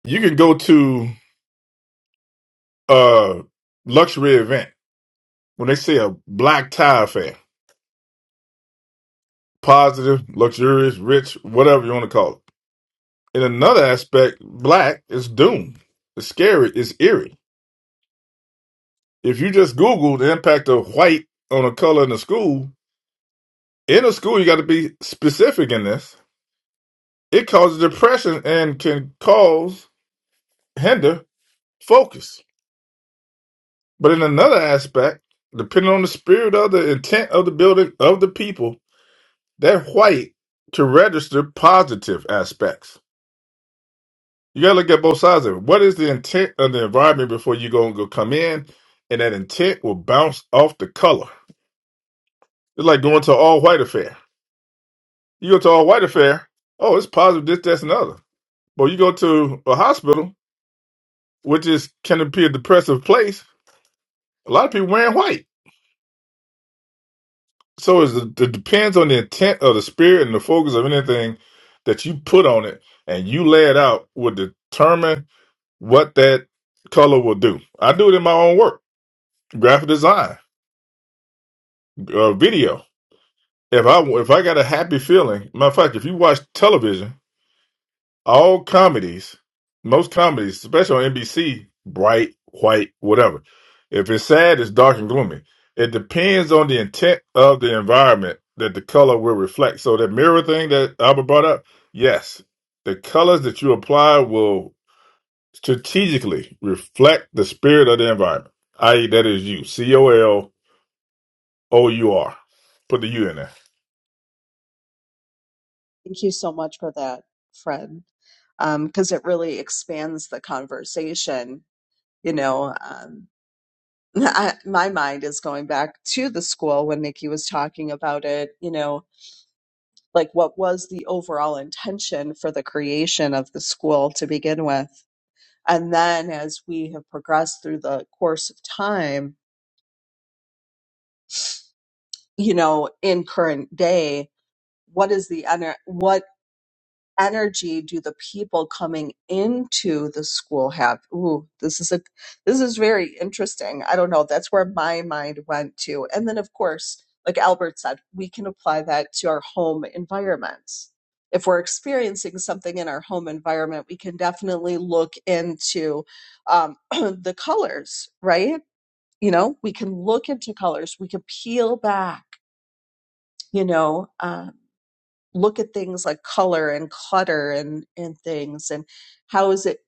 G: You can go to a luxury event When they say a black tie affair, positive, luxurious, rich, whatever you want to call it. In another aspect, black is doomed. It's scary. It's eerie. If you just Google the impact of white on a color in a school, in a school you got to be specific in this. It causes depression and can cause hinder focus. But in another aspect, depending on the spirit of the intent of the building of the people, that white to register positive aspects. You gotta look at both sides of it. What is the intent of the environment before you go and go come in? And that intent will bounce off the color. It's like going to an all white affair. You go to all white affair, oh, it's positive, this, that, and the other. But you go to a hospital, which is can be a depressive place. A lot of people wearing white. So it's, it depends on the intent of the spirit and the focus of anything that you put on it and you lay it out will determine what that color will do. I do it in my own work, graphic design. uh, video. If I if I got a happy feeling, matter of fact, if you watch television, all comedies, most comedies, especially on NBC, bright, white, whatever. If it's sad, it's dark and gloomy. It depends on the intent of the environment that the color will reflect. So that mirror thing that Albert brought up, yes, the colors that you apply will strategically reflect the spirit of the environment. I.e., that is you, C O L O U R. Put the U in there.
A: Thank you so much for that, Fred, because it really expands the conversation. You know, um, I, my mind is going back to the school when Nikki was talking about it, you know, like what was the overall intention for the creation of the school to begin with? And then as we have progressed through the course of time, you know, in current day, what is the ener- what energy do the people coming into the school have? Ooh, this is a this is very interesting. I don't know. That's where my mind went to. And then of course, like Albert said, we can apply that to our home environments. If we're experiencing something in our home environment, we can definitely look into um, the colors, right? you know we can look into colors we can peel back you know uh, look at things like color and clutter and and things and how is it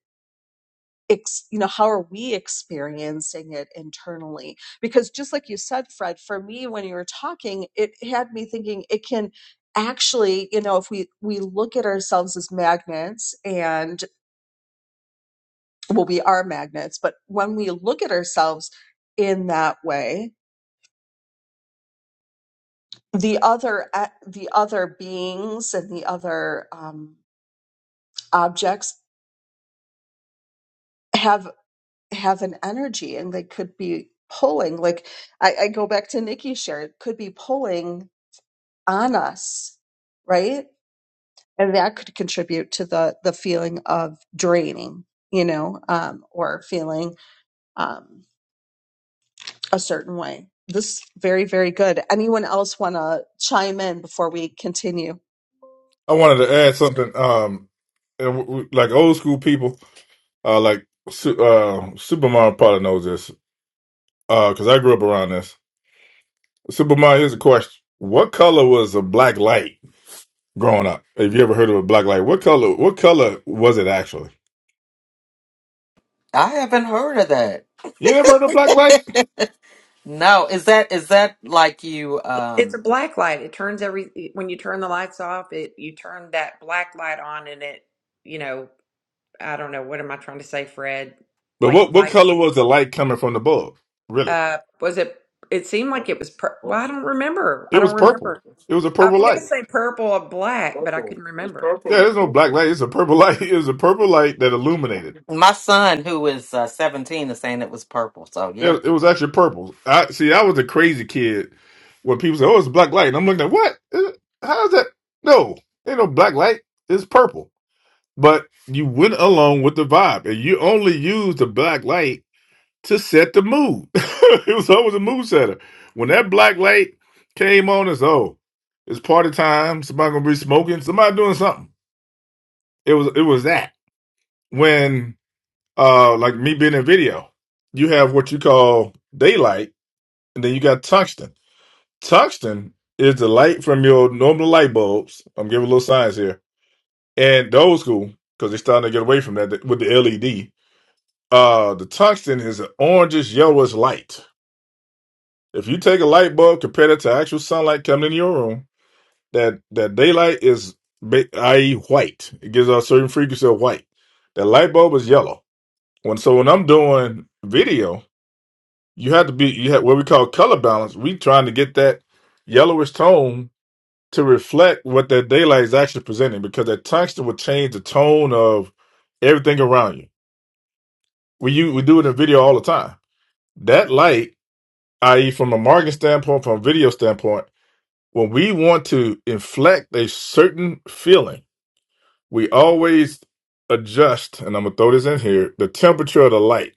A: ex- you know how are we experiencing it internally because just like you said fred for me when you were talking it had me thinking it can actually you know if we we look at ourselves as magnets and well we are magnets but when we look at ourselves in that way the other a- the other beings and the other um, objects have have an energy and they could be pulling like I, I go back to Nikki's share it could be pulling on us right and that could contribute to the the feeling of draining you know um, or feeling um, a certain way. This is very, very good. Anyone else want to chime in before we continue?
G: I wanted to add something. Um, and w- w- like old school people, uh, like Su- uh, Superman probably knows this because I grew up around this. Superman, here's a question: What color was a black light growing up? Have you ever heard of a black light? What color? What color was it actually?
B: I haven't heard of
G: You never heard of black light?
B: that. No, is that is that like you?
D: It's
B: Um,
D: a black light. It turns every when you turn the lights off, it you turn that black light on and it, you know, I don't know, what am I trying to say, Fred?
G: But
D: Like
G: what what
D: lights.
G: color was the light coming from the bulb? Really,
D: Uh was it it seemed like it was pur- well, I don't remember. I
G: it was
D: don't
G: purple.
D: remember.
G: It was a
D: I
G: purple
D: was going to
G: light.
D: say purple or black, but I couldn't remember.
G: Yeah, there's no black light. It's a purple light. It was a purple light that illuminated.
B: my son, who is uh, seventeen, is saying it was purple. So yeah,
G: It, it was actually purple. I see. I was a crazy kid when people say, "Oh, it's black light," and I'm looking at what? Is it- How is that? No, ain't no black light. It's purple. But you went along with the vibe, and you only used the black light to set the mood. it was always a mood setter. When that black light came on, it's oh, it's party time. Somebody gonna be smoking. Somebody doing something. It was it was that when uh like me being in video, you have what you call daylight and then you got tungsten. Tungsten is the light from your normal light bulbs. I'm giving a little science here. And the old school, because they're starting to get away from that with the LED. Uh, the tungsten is an orangish yellowish light. If you take a light bulb, compare it to actual sunlight coming into your room, that that daylight is, ba- i.e., white. It gives off a certain frequency of white. That light bulb is yellow. When so when I'm doing video, you have to be you have what we call color balance. We trying to get that yellowish tone to reflect what that daylight is actually presenting because that tungsten will change the tone of everything around you. We you we do it in video all the time. That light, i.e., from a marketing standpoint, from a video standpoint, when we want to inflect a certain feeling, we always adjust, and I'm gonna throw this in here, the temperature of the light.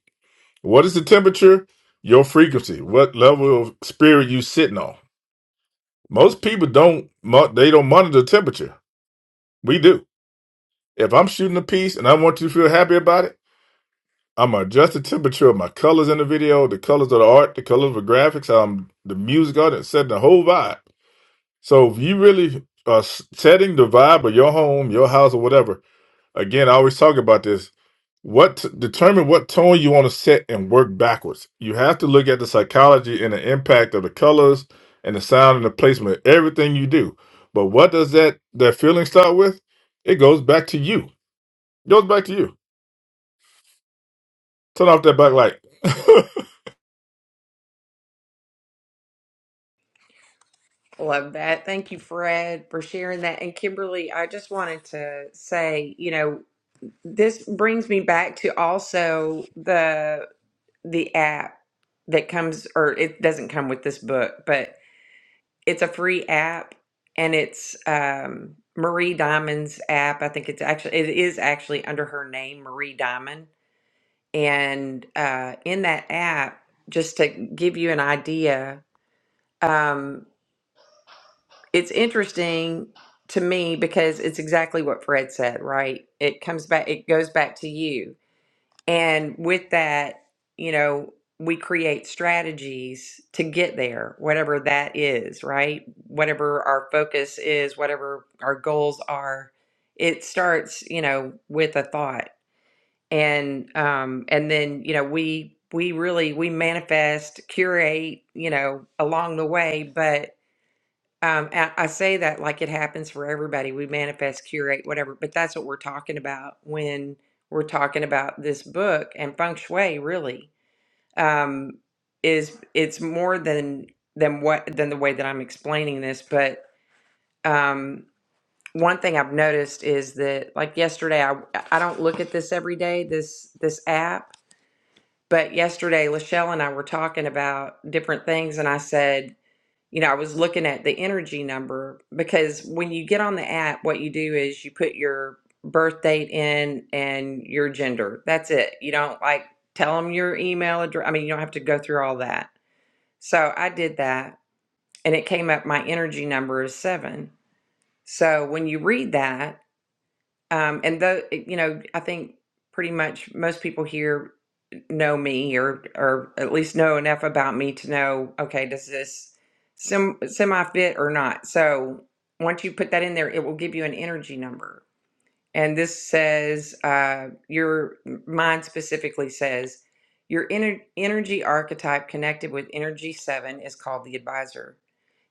G: What is the temperature? Your frequency, what level of spirit you sitting on. Most people don't mo- they don't monitor temperature. We do If I'm shooting a piece and I want you to feel happy about it, I'm gonna adjust the temperature of my colors in the video, the colors of the art, the colors of the graphics, um, the music, all that, setting the whole vibe. So if you really are s- setting the vibe of your home, your house, or whatever, again, I always talk about this. What determine what tone you want to set and work backwards. You have to look at the psychology and the impact of the colors and the sound and the placement of everything you do. But what does that that feeling start with? It goes back to you. It goes back to you. Turn off that backlight.
D: Love that. Thank you, Fred, for sharing that. And Kimberly, I just wanted to say, you know, this brings me back to also the the app that comes or it doesn't come with this book, but it's a free app and it's um Marie Diamond's app. I think it's actually it is actually under her name, Marie Diamond. And uh in that app, just to give you an idea, um, it's interesting to me because it's exactly what Fred said, right? It comes back, it goes back to you. And with that, you know, we create strategies to get there, whatever that is, right? Whatever our focus is, whatever our goals are, it starts, you know, with a thought. And um and then, you know, we we really we manifest, curate, you know, along the way, but. Um, I, I say that like it happens for everybody. We manifest, curate, whatever, but that's what we're talking about when we're talking about this book and feng shui. Really, um, is it's more than than what than the way that I'm explaining this. But um, one thing I've noticed is that, like yesterday, I I don't look at this every day. This this app. But yesterday, Lachelle and I were talking about different things, and I said, you know, I was looking at the energy number because when you get on the app, what you do is you put your birth date in and your gender. That's it. You don't like tell them your email address. I mean, you don't have to go through all that. So I did that and it came up my energy number is seven. So when you read that, um, and though, you know, I think pretty much most people here know me or or at least know enough about me to know okay does this sem- semi fit or not so once you put that in there it will give you an energy number and this says uh, your mind specifically says your ener- energy archetype connected with energy 7 is called the advisor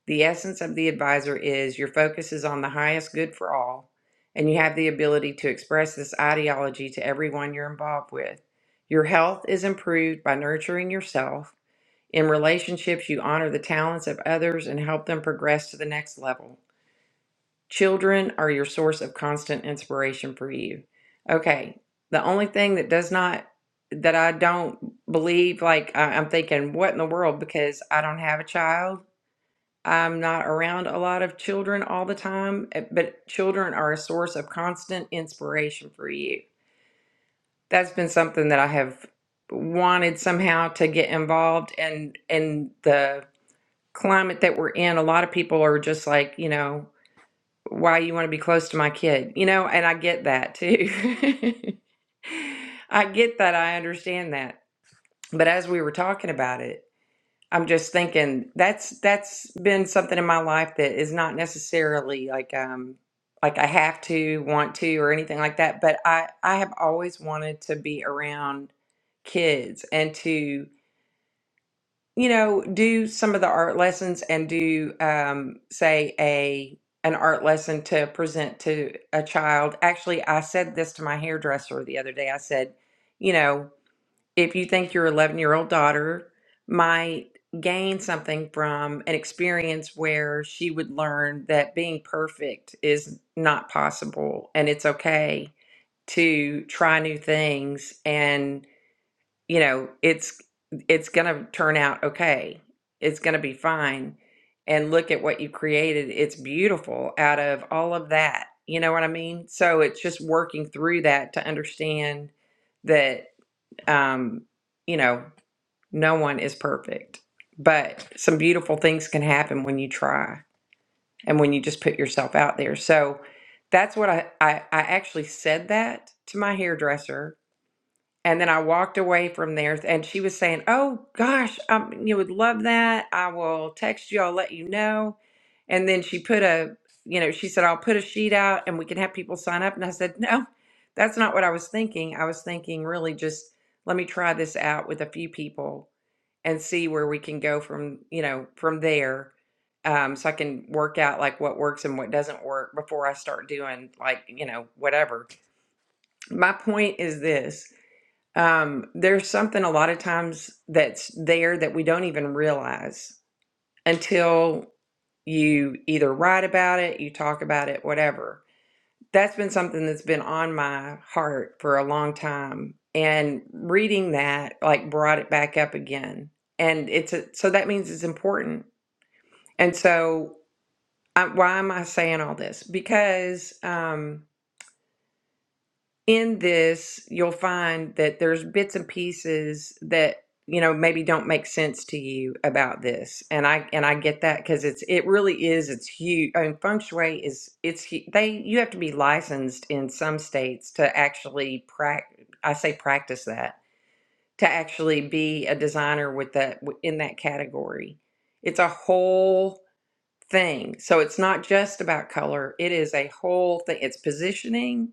D: the essence of the advisor is your focus is on the highest good for all, and you have the ability to express this ideology to everyone you're involved with. Your health is improved by nurturing yourself. In relationships, you honor the talents of others and help them progress to the next level. Children are your source of constant inspiration for you. Okay, the only thing that does not, that I don't believe, like I- I'm thinking, what in the world, because I don't have a child I'm not around a lot of children all the time, eh, but children are a source of constant inspiration for you. That's been something that I have wanted somehow to get involved and and the climate that we're in, a lot of people are just like, you know, why you want to be close to my kid, you know, and I get that too. I get that, I understand that. But as we were talking about it, I'm just thinking that's that's been something in my life that is not necessarily like um like I have to want to or anything like that, but I I have always wanted to be around kids and to you know do some of the art lessons and do um say a an art lesson to present to a child. Actually, I said this to my hairdresser the other day. I said, you know, if you think your 11 year old daughter might gain something from an experience where she would learn that being perfect is not possible and it's okay to try new things and you know it's it's going to turn out okay it's going to be fine and look at what you created it's beautiful out of all of that you know what i mean so it's just working through that to understand that um you know no one is perfect, but some beautiful things can happen when you try and when you just put yourself out there. So that's what I, I, I actually said that to my hairdresser. And then I walked away from there and she was saying, Oh gosh, um, you would love that. I will text you, I'll let you know. And then she put a, you know, she said, I'll put a sheet out and we can have people sign up. And I said, No, that's not what I was thinking. I was thinking really just let me try this out with a few people and see where we can go from, you know, from there. Um, so I can work out like what works and what doesn't work before I start doing like, you know, whatever. My point is this. Um, there's something a lot of times that's there that we don't even realize until you either write about it, you talk about it, whatever that's been something that's been on my heart for a long time and reading that like brought it back up again and it's a, so that means it's important and so I, why am i saying all this because um in this, you'll find that there's bits and pieces that you know maybe don't make sense to you about this, and I and I get that because it's it really is it's huge. I mean, feng shui is it's hu- they you have to be licensed in some states to actually practice. I say practice that to actually be a designer with that w- in that category. It's a whole thing, so it's not just about color. It is a whole thing. It's positioning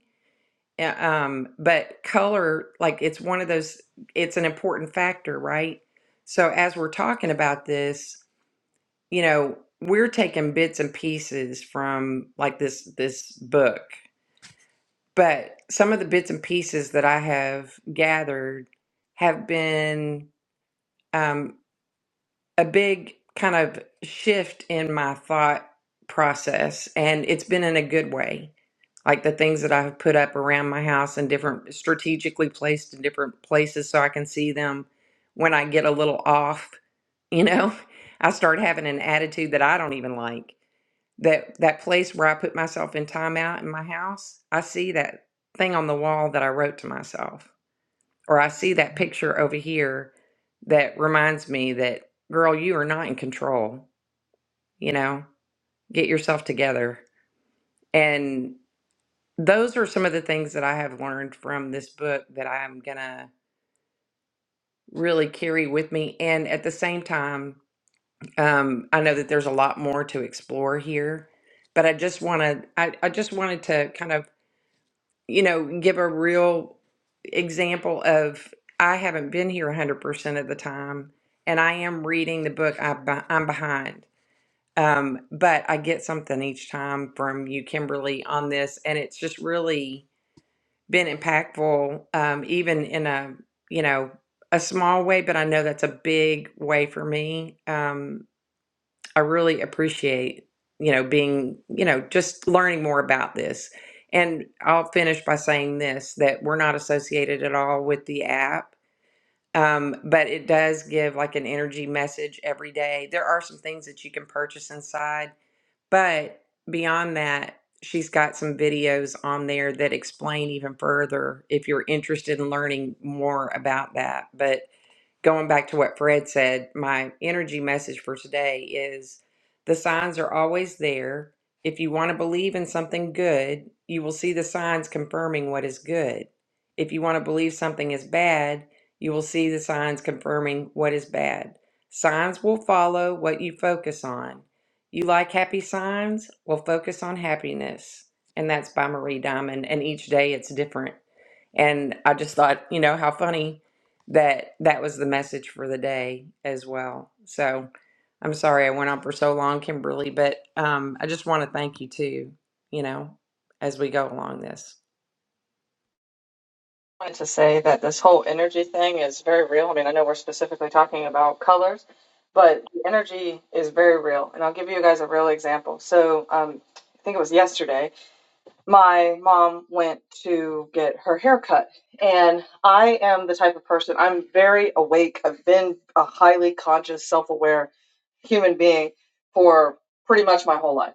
D: uh, Um, but color, like it's one of those, it's an important factor, right? So as we're talking about this, you know, we're taking bits and pieces from like this this book, but some of the bits and pieces that I have gathered have been um, a big kind of shift in my thought process, and it's been in a good way like the things that I have put up around my house and different strategically placed in different places so I can see them when I get a little off, you know, I start having an attitude that I don't even like. That that place where I put myself in timeout in my house, I see that thing on the wall that I wrote to myself. Or I see that picture over here that reminds me that girl, you are not in control, you know, get yourself together. and. those are some of the things that I have learned from this book that I'm gonna really carry with me. And at the same time, um, I know that there's a lot more to explore here, but I just wanna I, I just wanted to kind of, you know, give a real example of I haven't been here 100% of the time, and I am reading the book. I, beh- I'm behind. Um, but I get something each time from you, Kimberly, on this, and it's just really been impactful um, even in a you know a small way but i know that's a big way for me um, i really appreciate you know being you know just learning more about this and i'll finish by saying this that we're not associated at all with the app um, but it does give like an energy message every day there are some things that you can purchase inside but beyond that, she's got some videos on there that explain even further if you're interested in learning more about that. But going back to what Fred said, my energy message for today is the signs are always there. If you want to believe in something good, you will see the signs confirming what is good. If you want to believe something is bad, you will see the signs confirming what is bad. Signs will follow what you focus on. You like happy signs? Well, focus on happiness. And that's by Marie Diamond. And each day it's different. And I just thought, you know, how funny that that was the message for the day as well. So I'm sorry I went on for so long, Kimberly, but um, I just want to thank you too, you know, as we go along this.
E: I wanted to say that this whole energy thing is very real. I mean, I know we're specifically talking about colors, but the energy is very real. And I'll give you guys a real example. So, um, I think it was yesterday. my mom went to get her hair cut. And I am the type of person, I'm very awake. I've been a highly conscious, self aware human being for pretty much my whole life.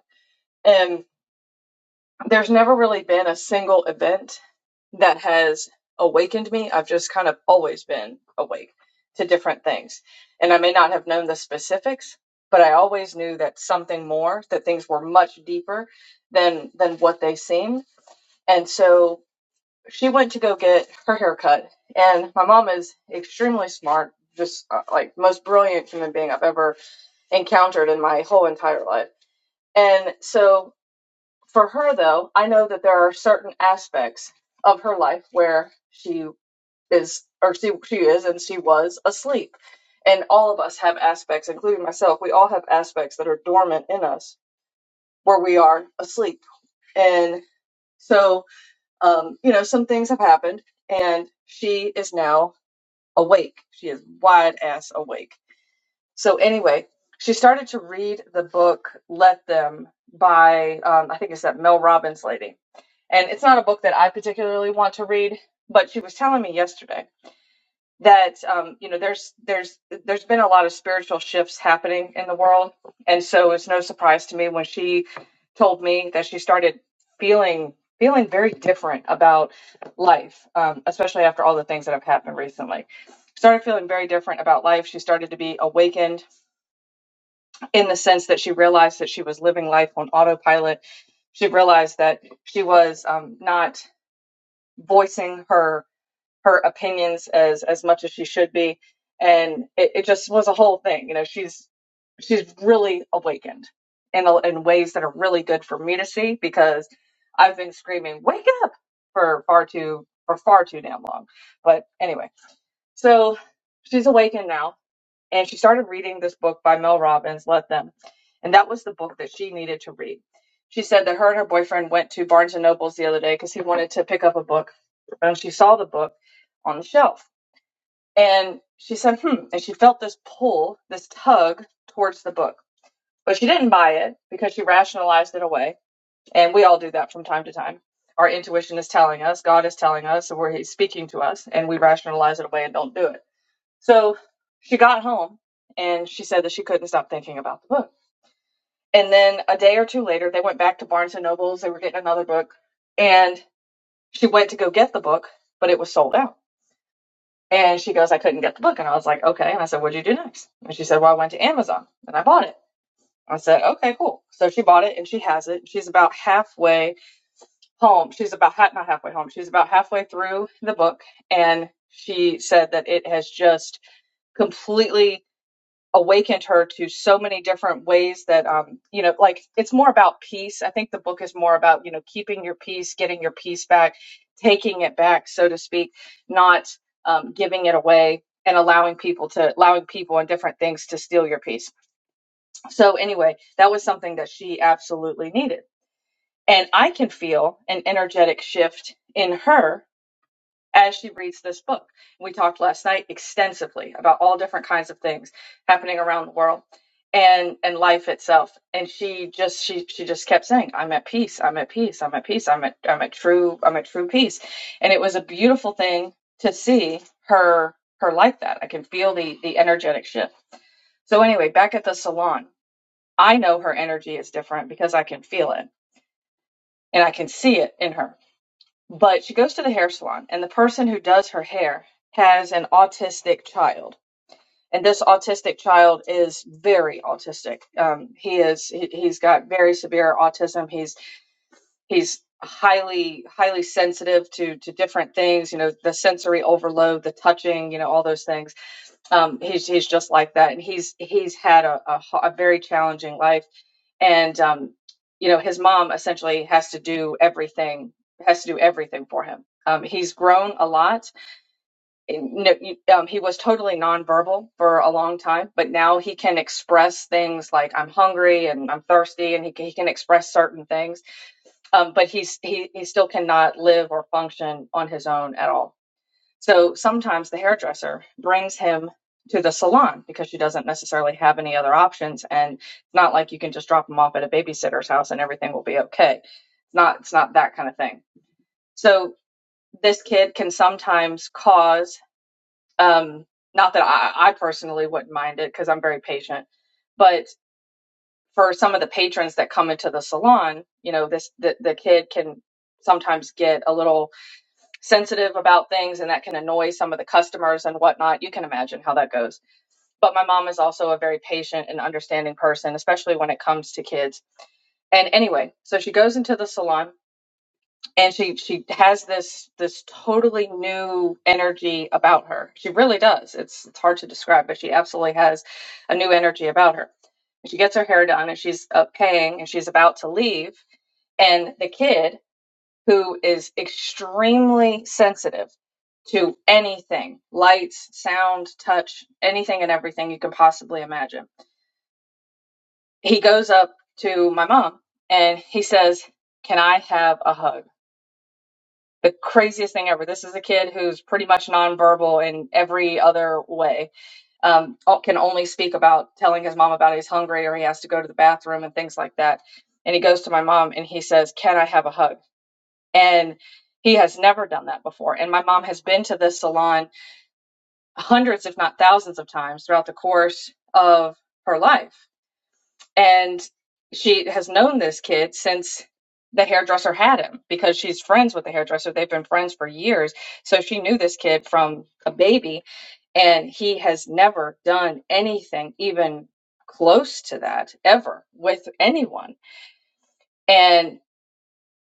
E: And there's never really been a single event that has awakened me. I've just kind of always been awake to different things. And I may not have known the specifics, but I always knew that something more, that things were much deeper than than what they seemed. And so she went to go get her haircut, and my mom is extremely smart, just uh, like most brilliant human being I've ever encountered in my whole entire life. And so for her though, I know that there are certain aspects of her life where she is or she she is and she was asleep. And all of us have aspects, including myself, we all have aspects that are dormant in us where we are asleep. And so um, you know, some things have happened and she is now awake. She is wide ass awake. So anyway, she started to read the book "Let Them" by um, I think it's that Mel Robbins lady, and it's not a book that I particularly want to read. But she was telling me yesterday that um, you know there's there's there's been a lot of spiritual shifts happening in the world, and so it's no surprise to me when she told me that she started feeling feeling very different about life, um, especially after all the things that have happened recently. Started feeling very different about life. She started to be awakened in the sense that she realized that she was living life on autopilot. She realized that she was um, not voicing her her opinions as as much as she should be and it, it just was a whole thing you know she's she's really awakened in a, in ways that are really good for me to see because i've been screaming wake up for far too for far too damn long but anyway so she's awakened now and she started reading this book by Mel Robbins, Let Them. And that was the book that she needed to read. She said that her and her boyfriend went to Barnes and Noble's the other day because he wanted to pick up a book. And she saw the book on the shelf. And she said, hmm. And she felt this pull, this tug towards the book. But she didn't buy it because she rationalized it away. And we all do that from time to time. Our intuition is telling us, God is telling us, or He's speaking to us, and we rationalize it away and don't do it. So she got home and she said that she couldn't stop thinking about the book. And then a day or two later, they went back to Barnes and Nobles. They were getting another book, and she went to go get the book, but it was sold out. And she goes, "I couldn't get the book." And I was like, "Okay." And I said, "What'd you do next?" And she said, "Well, I went to Amazon and I bought it." I said, "Okay, cool." So she bought it and she has it. She's about halfway home. She's about ha- not halfway home. She's about halfway through the book, and she said that it has just completely awakened her to so many different ways that um you know like it's more about peace i think the book is more about you know keeping your peace getting your peace back taking it back so to speak not um, giving it away and allowing people to allowing people and different things to steal your peace so anyway that was something that she absolutely needed and i can feel an energetic shift in her as she reads this book. We talked last night extensively about all different kinds of things happening around the world and and life itself. And she just she she just kept saying, "I'm at peace. I'm at peace. I'm at peace. I'm at I'm at true I'm at true peace." And it was a beautiful thing to see her her like that. I can feel the the energetic shift. So anyway, back at the salon, I know her energy is different because I can feel it and I can see it in her but she goes to the hair salon, and the person who does her hair has an autistic child. And this autistic child is very autistic. Um, he is he, he's got very severe autism. He's he's highly highly sensitive to to different things. You know, the sensory overload, the touching, you know, all those things. Um, he's he's just like that, and he's he's had a, a, a very challenging life and um, you know his mom essentially has to do everything has to do everything for him um, he's grown a lot um, he was totally nonverbal for a long time but now he can express things like i'm hungry and i'm thirsty and he can, he can express certain things um, but he's he, he still cannot live or function on his own at all so sometimes the hairdresser brings him to the salon because she doesn't necessarily have any other options. And it's not like you can just drop him off at a babysitter's house and everything will be okay. It's not, it's not that kind of thing. So this kid can sometimes cause, um, not that I, I personally wouldn't mind it because I'm very patient, but for some of the patrons that come into the salon, you know, this, the, the kid can sometimes get a little sensitive about things and that can annoy some of the customers and whatnot. You can imagine how that goes. But my mom is also a very patient and understanding person, especially when it comes to kids. And anyway, so she goes into the salon and she she has this this totally new energy about her. She really does. It's it's hard to describe, but she absolutely has a new energy about her. She gets her hair done and she's uh, paying and she's about to leave and the kid who is extremely sensitive to anything lights, sound, touch, anything and everything you can possibly imagine. He goes up to my mom and he says, Can I have a hug? The craziest thing ever. This is a kid who's pretty much nonverbal in every other way, um, can only speak about telling his mom about he's hungry or he has to go to the bathroom and things like that. And he goes to my mom and he says, Can I have a hug? and he has never done that before and my mom has been to this salon hundreds if not thousands of times throughout the course of her life and she has known this kid since the hairdresser had him because she's friends with the hairdresser they've been friends for years so she knew this kid from a baby and he has never done anything even close to that ever with anyone And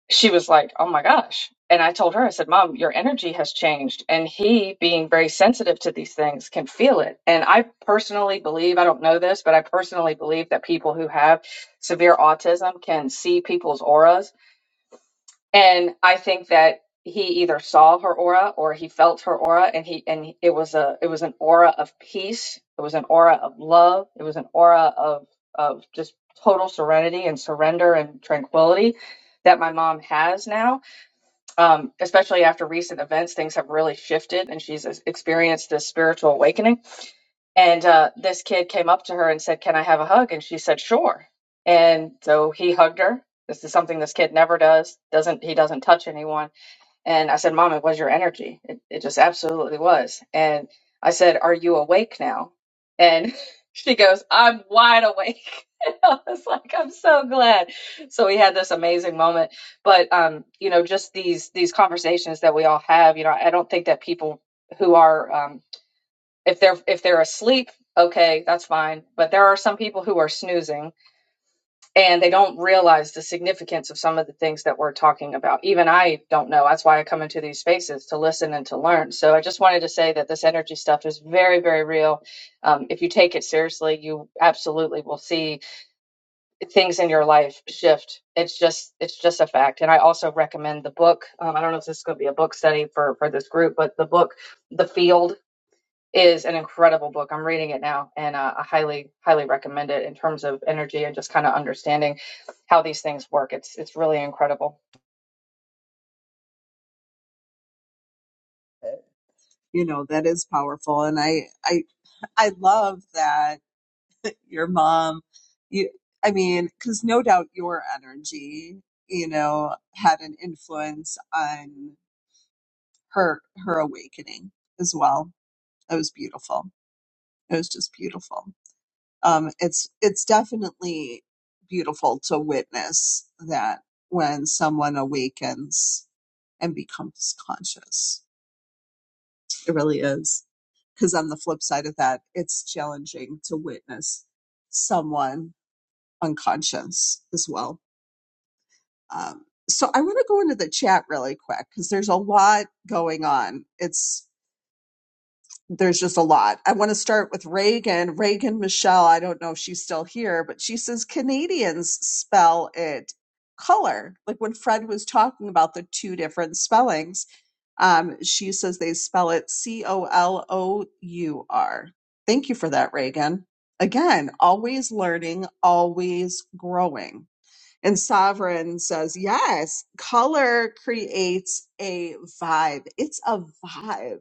E: she was like, Oh my gosh. And I told her, I said, Mom, your energy has changed. And he, being very sensitive to these things, can feel it. And I personally believe, I don't know this, but I personally believe that people who have severe autism can see people's auras. And I think that he either saw her aura or he felt her aura and he and it was a it was an aura of peace it was an aura of love it was an aura of of just total serenity and surrender and tranquility that my mom has now um, especially after recent events, things have really shifted, and she's experienced this spiritual awakening. And uh, this kid came up to her and said, "Can I have a hug?" And she said, "Sure." And so he hugged her. This is something this kid never does. Doesn't he doesn't touch anyone? And I said, "Mom, it was your energy. It, it just absolutely was." And I said, "Are you awake now?" And she goes, "I'm wide awake." I was like, I'm so glad. So we had this amazing moment. But um, you know, just these these conversations that we all have, you know, I don't think that people who are um if they're if they're asleep, okay, that's fine. But there are some people who are snoozing and they don't realize the significance of some of the things that we're talking about. Even I don't know. That's why I come into these spaces to listen and to learn. So I just wanted to say that this energy stuff is very, very real. Um, if you take it seriously, you absolutely will see things in your life shift. It's just it's just a fact. And I also recommend the book. Um, I don't know if this is going to be a book study for for this group, but the book The Field is an incredible book. I'm reading it now, and uh, I highly highly recommend it in terms of energy and just kind of understanding how these things work. It's it's really incredible.
A: You know, that is powerful. And I, I, I love that your mom, you, I mean, cause no doubt your energy, you know, had an influence on. her her awakening as well. It was beautiful. It was just beautiful. Um, it's it's definitely beautiful to witness that when someone awakens and becomes conscious. It really is. Because on the flip side of that, it's challenging to witness someone unconscious as well. Um, so I want to go into the chat really quick because there's a lot going on. It's there's just a lot. I want to start with Reagan. Reagan Michelle, I don't know if she's still here, but she says Canadians spell it color. Like when Fred was talking about the two different spellings, um, she says they spell it C O L O U R. Thank you for that, Reagan. Again, always learning, always growing. And Sovereign says, yes, color creates a vibe. It's a vibe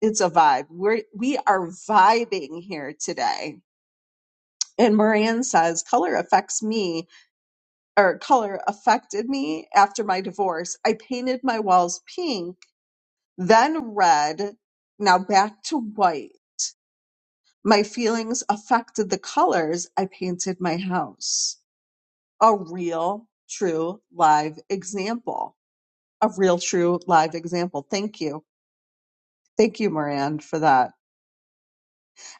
A: it's a vibe. We're we are vibing here today. And Moran says, color affects me, or color affected me after my divorce. I painted my walls pink, then red, now back to white. My feelings affected the colors I painted my house. A real, true, live example. A real, true, live example. Thank you. Thank you, Moran, for that.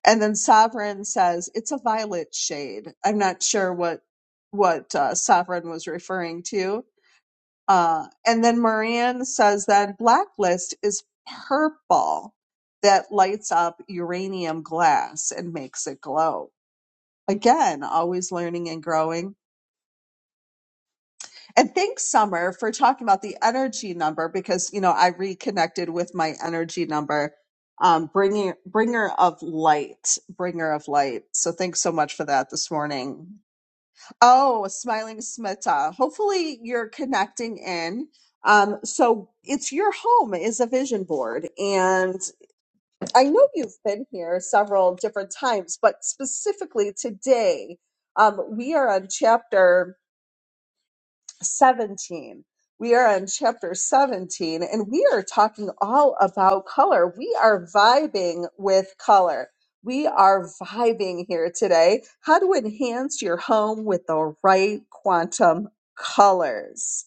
A: And then Sovereign says it's a violet shade. I'm not sure what what uh, Sovereign was referring to. Uh, and then Marianne says that Blacklist is purple that lights up uranium glass and makes it glow. Again, always learning and growing. And thanks, Summer, for talking about the energy number because you know I reconnected with my energy number, um, bringing bringer of light, bringer of light. So thanks so much for that this morning. Oh, smiling Smita. Hopefully you're connecting in. Um, so it's your home is a vision board, and I know you've been here several different times, but specifically today, um, we are on chapter 17. We are on chapter 17 and we are talking all about color. We are vibing with color. We are vibing here today. How to enhance your home with the right quantum colors.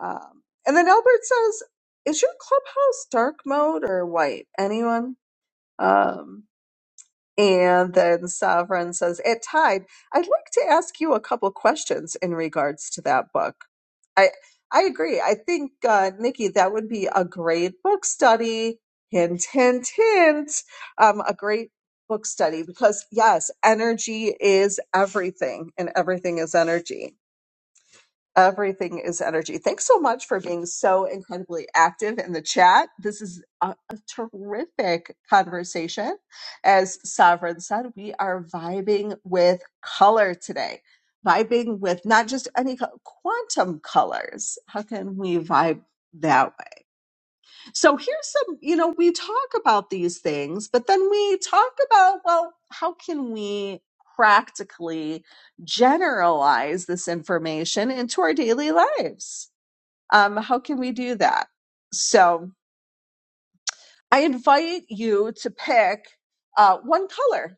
A: Um, and then Albert says, Is your clubhouse dark mode or white? Anyone? Um, and then Sovereign says, At Tide, I'd like to ask you a couple questions in regards to that book. I I agree. I think, uh, Nikki, that would be a great book study. Hint, hint, hint. Um, a great book study because, yes, energy is everything, and everything is energy. Everything is energy. Thanks so much for being so incredibly active in the chat. This is a, a terrific conversation. As Sovereign said, we are vibing with color today, vibing with not just any co- quantum colors. How can we vibe that? So here's some, you know, we talk about these things, but then we talk about, well, how can we practically generalize this information into our daily lives? Um, how can we do that? So I invite you to pick uh, one color.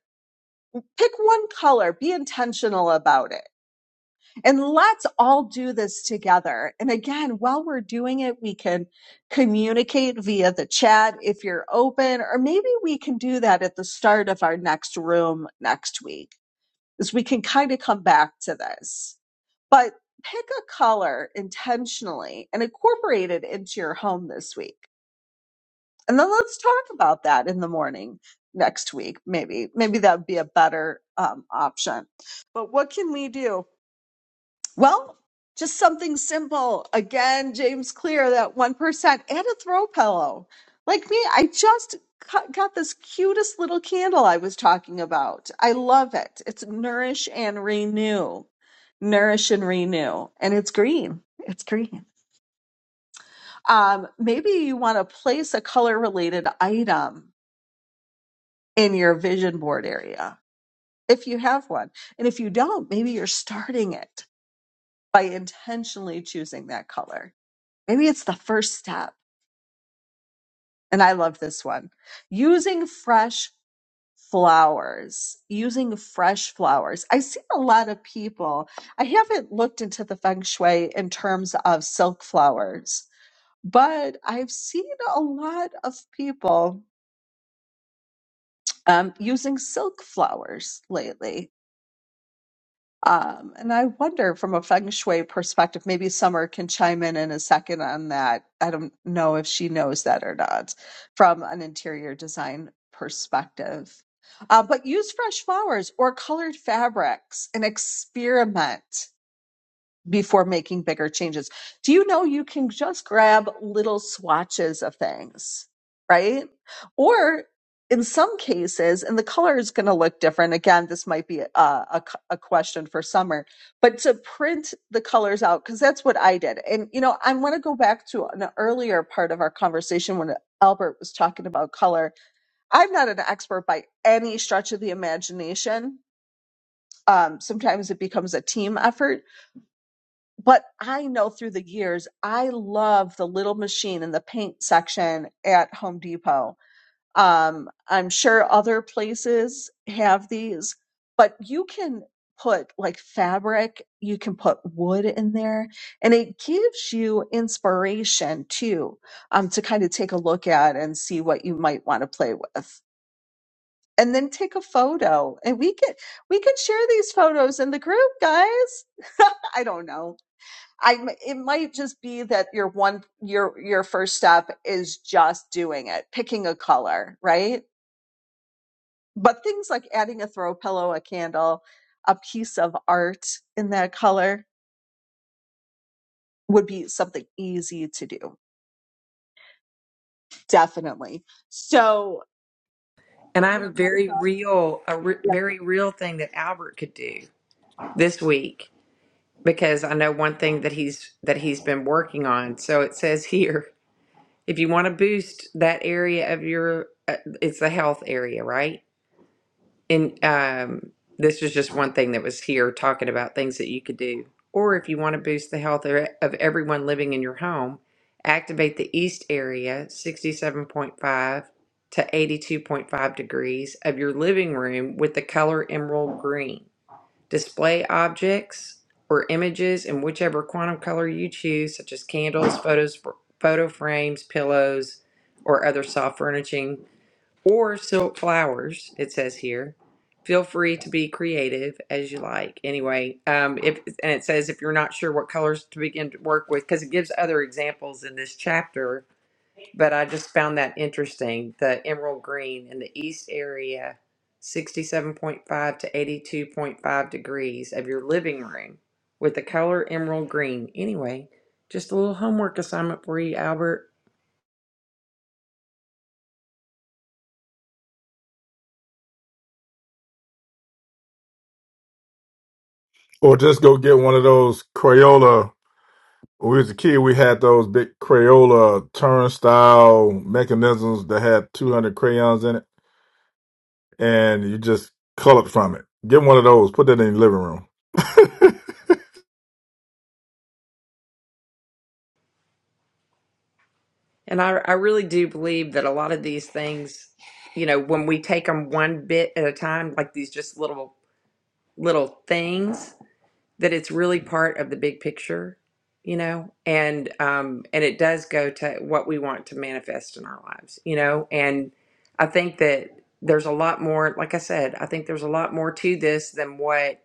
A: Pick one color. Be intentional about it And let's all do this together. And again, while we're doing it, we can communicate via the chat if you're open, or maybe we can do that at the start of our next room next week, as we can kind of come back to this. But pick a color intentionally and incorporate it into your home this week. And then let's talk about that in the morning next week, maybe. Maybe that would be a better um, option. But what can we do? Well, just something simple. Again, James Clear, that 1%, and a throw pillow. Like me, I just cu- got this cutest little candle I was talking about. I love it. It's Nourish and Renew. Nourish and Renew. And it's green. It's green. Um, maybe you want to place a color related item in your vision board area if you have one. And if you don't, maybe you're starting it by intentionally choosing that color Maybe it's the first step. And I love this one. Using fresh flowers. Using fresh flowers. I see a lot of people. I haven't looked into the feng shui in terms of silk flowers, but I've seen a lot of people um, using silk flowers lately Um, and I wonder from a feng shui perspective, maybe Summer can chime in in a second on that. I don't know if she knows that or not from an interior design perspective. Uh, but use fresh flowers or colored fabrics and experiment before making bigger changes. Do you know you can just grab little swatches of things, right? Or in some cases, and the color is going to look different. Again, this might be a, a, a question for summer, but to print the colors out, because that's what I did. And, you know, I want to go back to an earlier part of our conversation when Albert was talking about color. I'm not an expert by any stretch of the imagination. Um, sometimes it becomes a team effort but I know through the years, I love the little machine in the paint section at Home Depot. Um, I'm sure other places have these, but you can put like fabric, you can put wood in there, and it gives you inspiration too, um, to kind of take a look at and see what you might want to play with. And then take a photo, and we can we can share these photos in the group, guys. I don't know I it might just be that your one your your first step is just doing it, picking a color, right? But things like adding a throw pillow, a candle, a piece of art in that color would be something easy to do. Definitely. So
D: And I
A: I'm
D: have a
A: gonna mic
D: very
A: up.
D: real, a re-
A: Yeah.
D: very real thing that Albert could do this week because I know one thing that he's that he's been working on. So it says here, if you want to boost that area of your, uh, it's the health area, right? And um, this was just one thing that was here talking about things that you could do. Or if you want to boost the health of of everyone living in your home, activate the east area 67.5 to 82.5 degrees of your living room with the color emerald green. Display objects or images in whichever quantum color you choose, such as candles, photos, photo frames, pillows, or other soft furnishing or silk flowers, it says here. Feel free to be creative as you like. Anyway, um, if and it says if you're not sure what colors to begin to work with, because it gives other examples in this chapter. But I just found that interesting. The emerald green in the east area, 67.5 to 82.5 degrees of your living room, with the color emerald green. Anyway, just a little homework assignment for you, Albert.
G: or just go get one of those Crayola. When we was a kid, we had those big Crayola turnstile mechanisms that had 200 crayons in it, and you just colored from it. Get one of those, put that in your living room.
D: And I, I really do believe that a lot of these things, you know, when we take them one bit at a time, like these just little, little things, that it's really part of the big picture, you know, and, um, and it does go to what we want to manifest in our lives, you know, and I think that there's a lot more, like I said, I think there's a lot more to this than what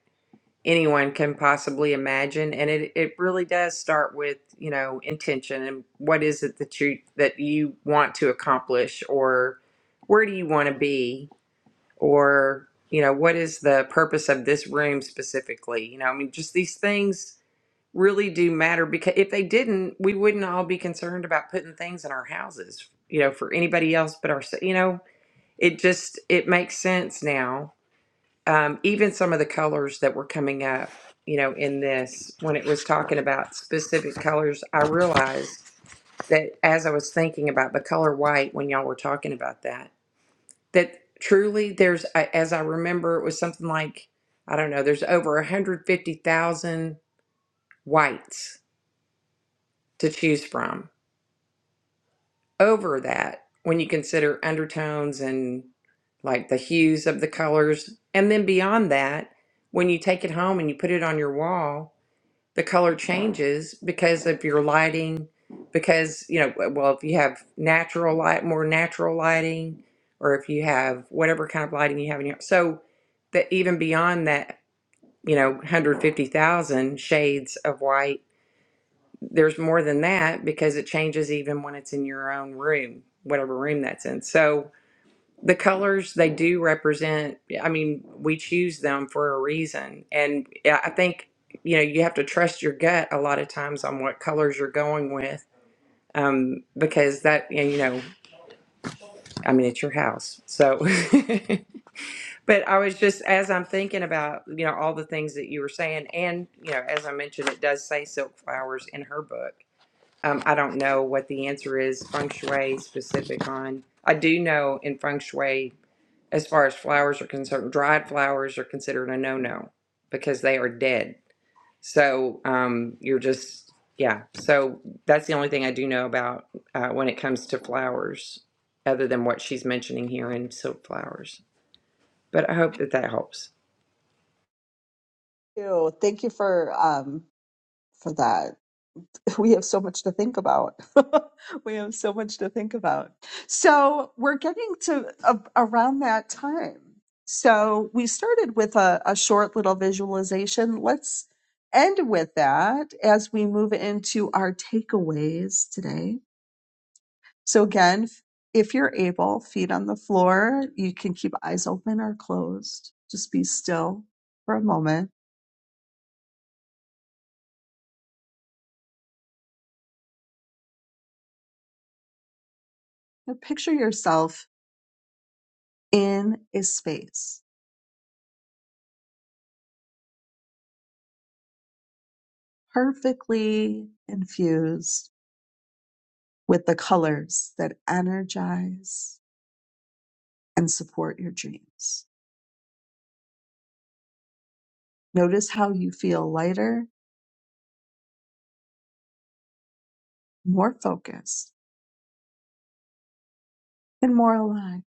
D: anyone can possibly imagine and it, it really does start with you know intention and what is it that you that you want to accomplish or where do you want to be or you know what is the purpose of this room specifically you know i mean just these things really do matter because if they didn't we wouldn't all be concerned about putting things in our houses you know for anybody else but our you know it just it makes sense now um, even some of the colors that were coming up, you know, in this, when it was talking about specific colors, I realized that as I was thinking about the color white when y'all were talking about that, that truly there's, I- as I remember, it was something like, I don't know, there's over 150,000 whites to choose from. Over that, when you consider undertones and like the hues of the colors. And then beyond that, when you take it home and you put it on your wall, the color changes because of your lighting because you know well if you have natural light more natural lighting or if you have whatever kind of lighting you have in your so that even beyond that you know 150,000 shades of white there's more than that because it changes even when it's in your own room whatever room that's in so the colors they do represent i mean we choose them for a reason and yeah, i think you know you have to trust your gut a lot of times on what colors you're going with um, because that yeah, you know i mean it's your house so but i was just as i'm thinking about you know all the things that you were saying and you know as i mentioned it does say silk flowers in her book um, i don't know what the answer is feng shui specific on i do know in feng shui as far as flowers are concerned, dried flowers are considered a no-no because they are dead. So um, you're just, yeah. So that's the only thing I do know about uh, when it comes to flowers, other than what she's mentioning here in silk flowers. But I hope that that helps.
A: Thank you. Thank you for um for that. we have so much to think about. we have so much to think about. So we're getting to a, around that time. So we started with a, a short little visualization. Let's end with that as we move into our takeaways today. So again, if you're able, feet on the floor, you can keep eyes open or closed. Just be still for a moment and picture yourself in a space perfectly infused with the colors that energize and support your dreams. Notice how you feel lighter, more focused, and more alive.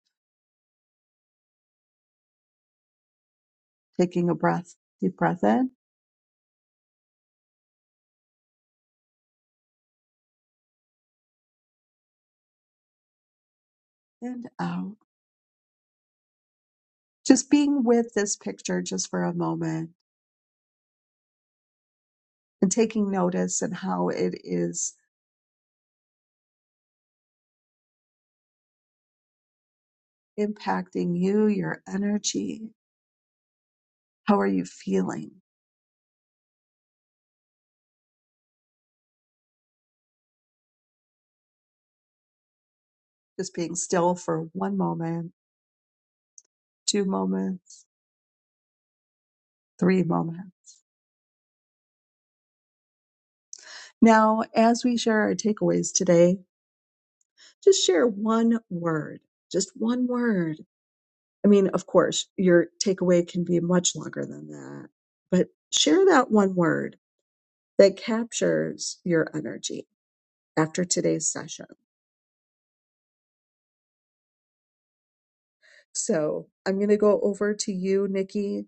A: Taking a breath, deep breath in and out. Just being with this picture just for a moment and taking notice and how it is impacting you, your energy. How are you feeling? Just being still for one moment, two moments, three moments Now, as we share our takeaways today, just share one word, just one word. I mean, of course, your takeaway can be much longer than that, but share that one word that captures your energy after today's session. So I'm going to go over to you, Nikki.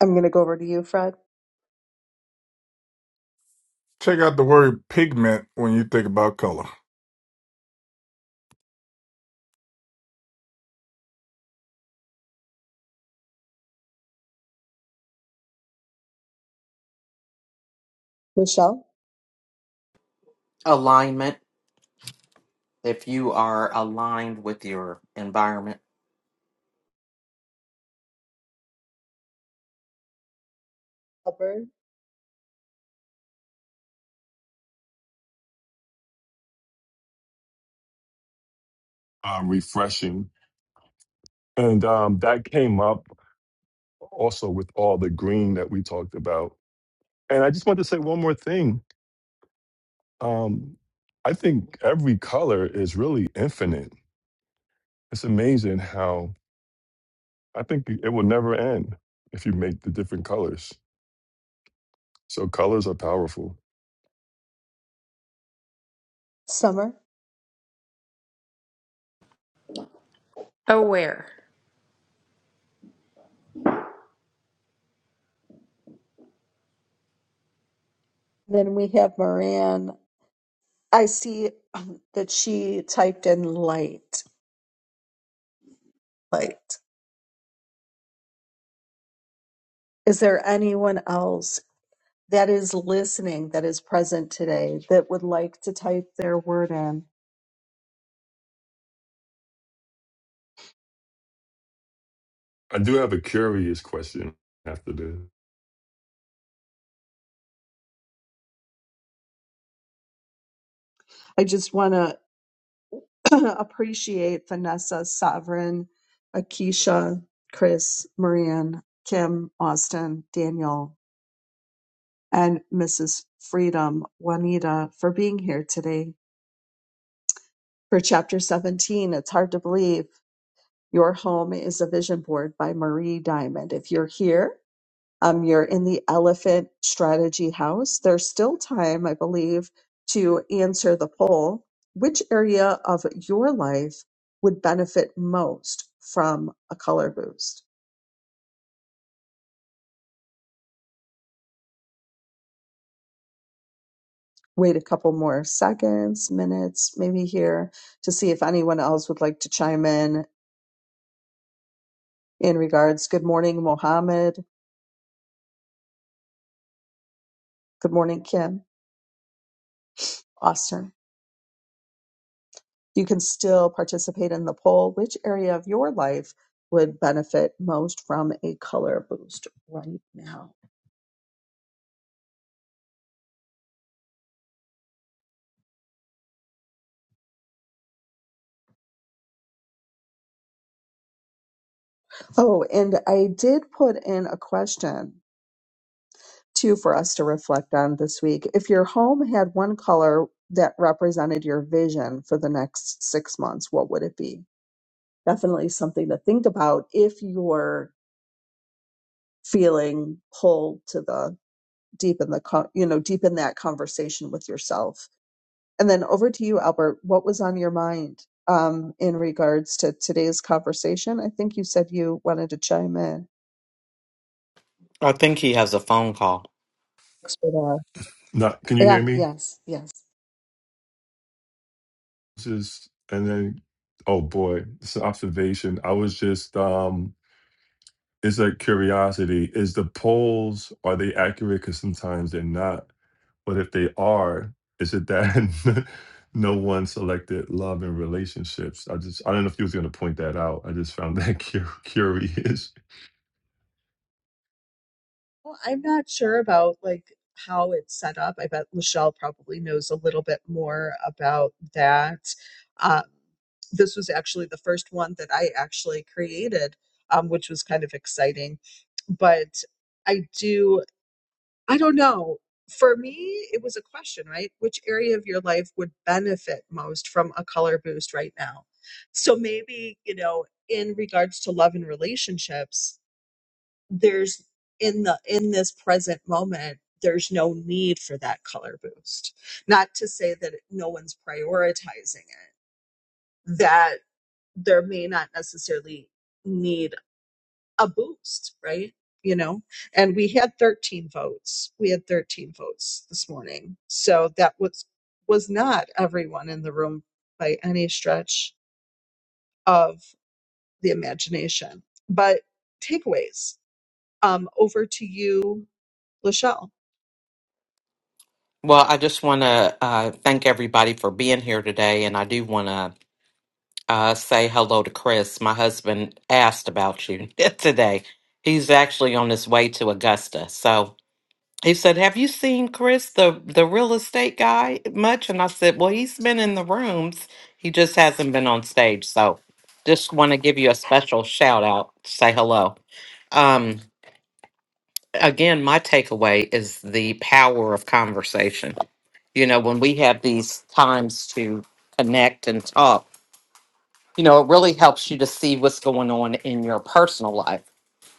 A: I'm going to go over to you, Fred,
G: Check out the word pigment when you think about color.
A: Michelle,
B: alignment. If you are aligned with your environment,
A: Hubbard,
C: um, refreshing and um, that came up also with all the green that we talked about and i just want to say one more thing um, i think every color is really infinite it's amazing how i think it will never end if you make the different colors so colors are powerful
A: Summer.
D: Oh, where?
A: Then we have Moran. I see um, that she typed in light, light. Is there anyone else that is listening that is present today that would like to type their word in?
C: i do have a curious question after this
A: I just want to appreciate Vanessa, Sovereign, Akisha, Chris, Marianne, Kim, Austin, Daniel, and Mrs. Freedom, Juanita, for being here today. For chapter 17, it's hard to believe your home is a vision board by Marie Diamond. If you're here, um, you're in the elephant strategy house, there's still time, I believe, to answer the poll. Which area of your life would benefit most from a color boost? Wait a couple more seconds, minutes, maybe here to see if anyone else would like to chime in in regards. Good morning, Mohammed. Good morning, Kim. Austin. You can still participate in the poll. Which area of your life would benefit most from a color boost right now? Oh, and I did put in a question too for us to reflect on this week. If your home had one color that represented your vision for the next six months, what would it be? Definitely something to think about if you're feeling pulled to the deep in the, co- you know, deep in that conversation with yourself And then over to you, Albert. What was on your mind um, in regards to today's conversation? I think you said you wanted to chime in.
B: I think he has a phone call.
A: Thanks for that.
C: Now, can you
A: Yeah,
C: hear me?
A: yes, yes.
C: This is, and then, oh boy, it's an observation. I was just, um, it's a curiosity. Is the polls, are they accurate? Because sometimes they're not. But if they are, is it that no one selected love and relationships? I just, I don't know if you was going to point that out. I just found that cu- curious.
A: Well, I'm not sure about like how it's set up. I bet Lachelle probably knows a little bit more about that. Um, this was actually the first one that I actually created, um, which was kind of exciting. But I do. I don't know. For me, it was a question, right? Which area of your life would benefit most from a color boost right now? So maybe, you know, in regards to love and relationships, there's in the in this present moment, there's no need for that color boost. Not to say that no one's prioritizing it, that there may not necessarily need a boost, right? You know, and we had 13 votes. We had 13 votes this morning. So that was was not everyone in the room by any stretch of the imagination. But takeaways. Um, over to you, Lachelle.
B: Well, I just want to uh, thank everybody for being here today, and I do want to uh, say hello to Chris. My husband asked about you today. He's actually on his way to Augusta, so he said, "Have you seen Chris, the the real estate guy, much?" And I said, "Well, he's been in the rooms. He just hasn't been on stage." So, just want to give you a special shout out. Say hello. Um, again, my takeaway is the power of conversation you know, when we have these times to connect and talk, you know, it really helps you to see what's going on in your personal life.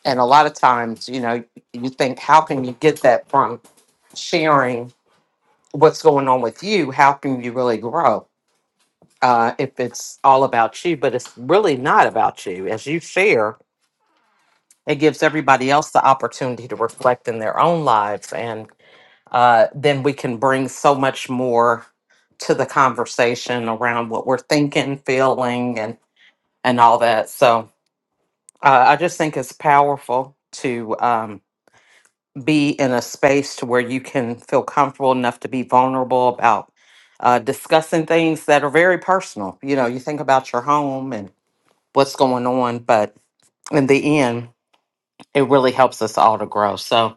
B: And a lot of times, you know, you think, how can you get that from sharing what's going on with you? How can you really grow uh, if it's all about you? But it's really not about you. As you share, it gives everybody else the opportunity to reflect in their own lives. And uh, then we can bring so much more to the conversation around what we're thinking, feeling, and and all that. So uh, I just think it's powerful to um, be in a space to where you can feel comfortable enough to be vulnerable about uh, discussing things that are very personal. You know, you think about your home and what's going on, but in the end, it really helps us all to grow. So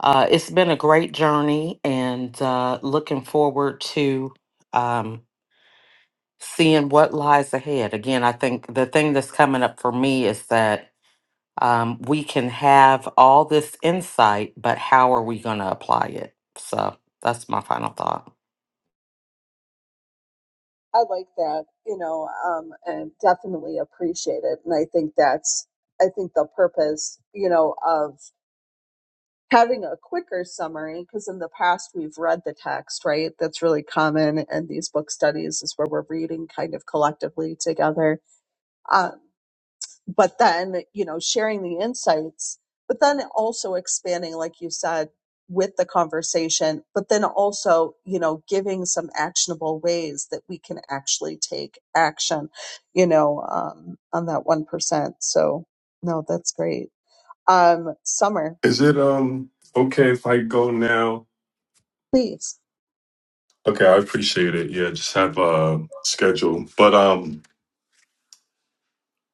B: Uh, it's been a great journey and uh, looking forward to um, seeing what lies ahead. Again, I think the thing that's coming up for me is that um, we can have all this insight, but how are we going to apply it? So that's my final thought.
A: I like that, you know, um, and definitely appreciate it. And I think that's, I think the purpose, you know, of having a quicker summary because in the past we've read the text right that's really common in these book studies is where we're reading kind of collectively together um, but then you know sharing the insights but then also expanding like you said with the conversation but then also you know giving some actionable ways that we can actually take action you know um, on that 1% so no that's great um, summer
C: Is it, um, okay if I go now?
A: please
C: Okay, I appreciate it. Yeah, just have a schedule. But, um,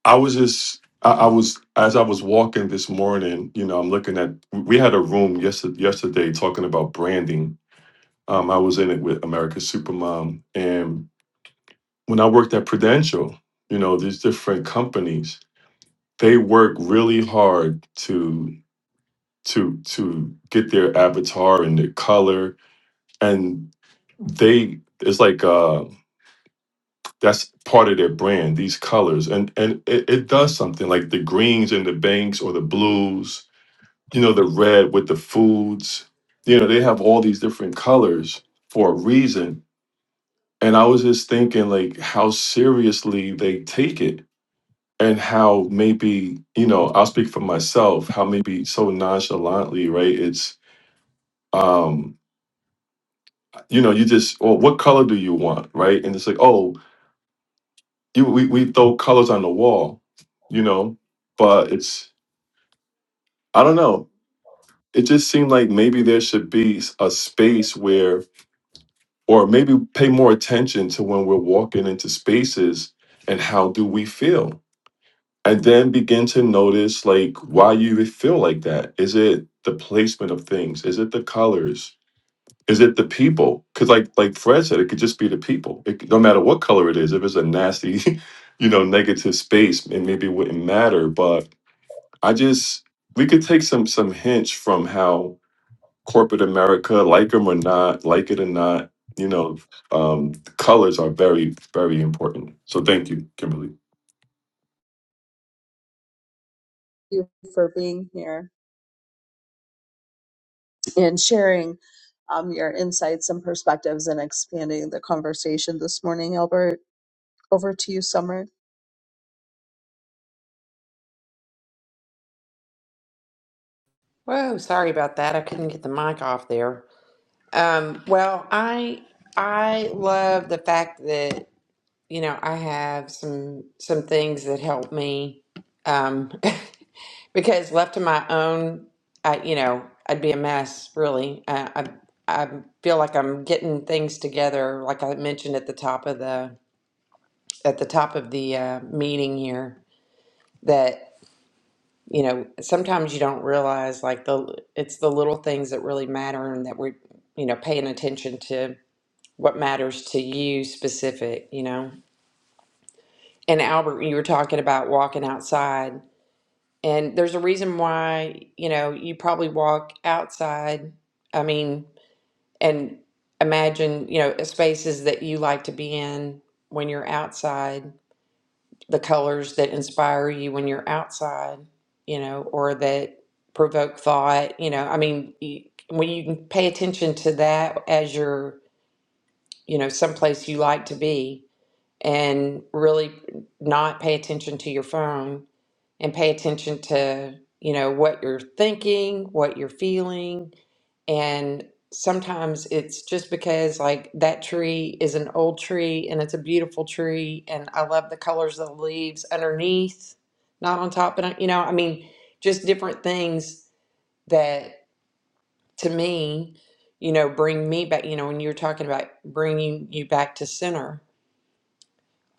C: I was just, I, I was, as I was walking this morning, you know, I'm looking at, we had a room yesterday, yesterday talking about branding. Um, I was in it with America's Supermom. And when I worked at Prudential, you know, these different companies, they work really hard to, to, to get their avatar and their color. And they, it's like, uh, that's part of their brand, these colors. And, and it, it does something like the greens and the banks or the blues you know, the red with the foods. You know, they have all these different colors for a reason. And I was just thinking, like, how seriously they take it and how maybe, you know, I'll speak for myself, how maybe so nonchalantly, right? It's, um, you know, you just, well, what color do you want, right? And it's like, oh, you, we, we throw colors on the wall, you know, but it's, I don't know. It just seemed like maybe there should be a space where or maybe pay more attention to when we're walking into spaces and how do we feel and then begin to notice like why you feel like that is it the placement of things is it the colors is it the people because like like fred said it could just be the people it, could- no matter what color it is if it's a nasty you know negative space and maybe it maybe wouldn't matter but i just we could take some some hints from how corporate America, like them or not, like it or not, you know, um, colors are very, very important. So thank you, Kimberly.
A: you for being here and sharing um, your insights and perspectives and expanding the conversation this morning, Albert. Over to you, Summer.
D: Whoa, sorry about that. I couldn't get the mic off there. Um, well, I I love the fact that you know I have some some things that help me um, Because left to my own, I, you know, I'd be a mess, really. I, I, I feel like I'm getting things together, like I mentioned at the top of the at the top of the uh, meeting here, that you know sometimes you don't realize like the it's the little things that really matter, and that we're you know paying attention to what matters to you specific, you know. And Albert, you were talking about walking outside And there's a reason why, you know, you probably walk outside. I mean, and imagine, you know, spaces that you like to be in when you're outside, the colors that inspire you when you're outside, you know, or that provoke thought, you know. I mean, you, when you can pay attention to that as your, you know, someplace you like to be, and really not pay attention to your phone and pay attention to you know what you're thinking what you're feeling and sometimes it's just because like that tree is an old tree and it's a beautiful tree and i love the colors of the leaves underneath not on top but you know i mean just different things that to me you know bring me back you know when you were talking about bringing you back to center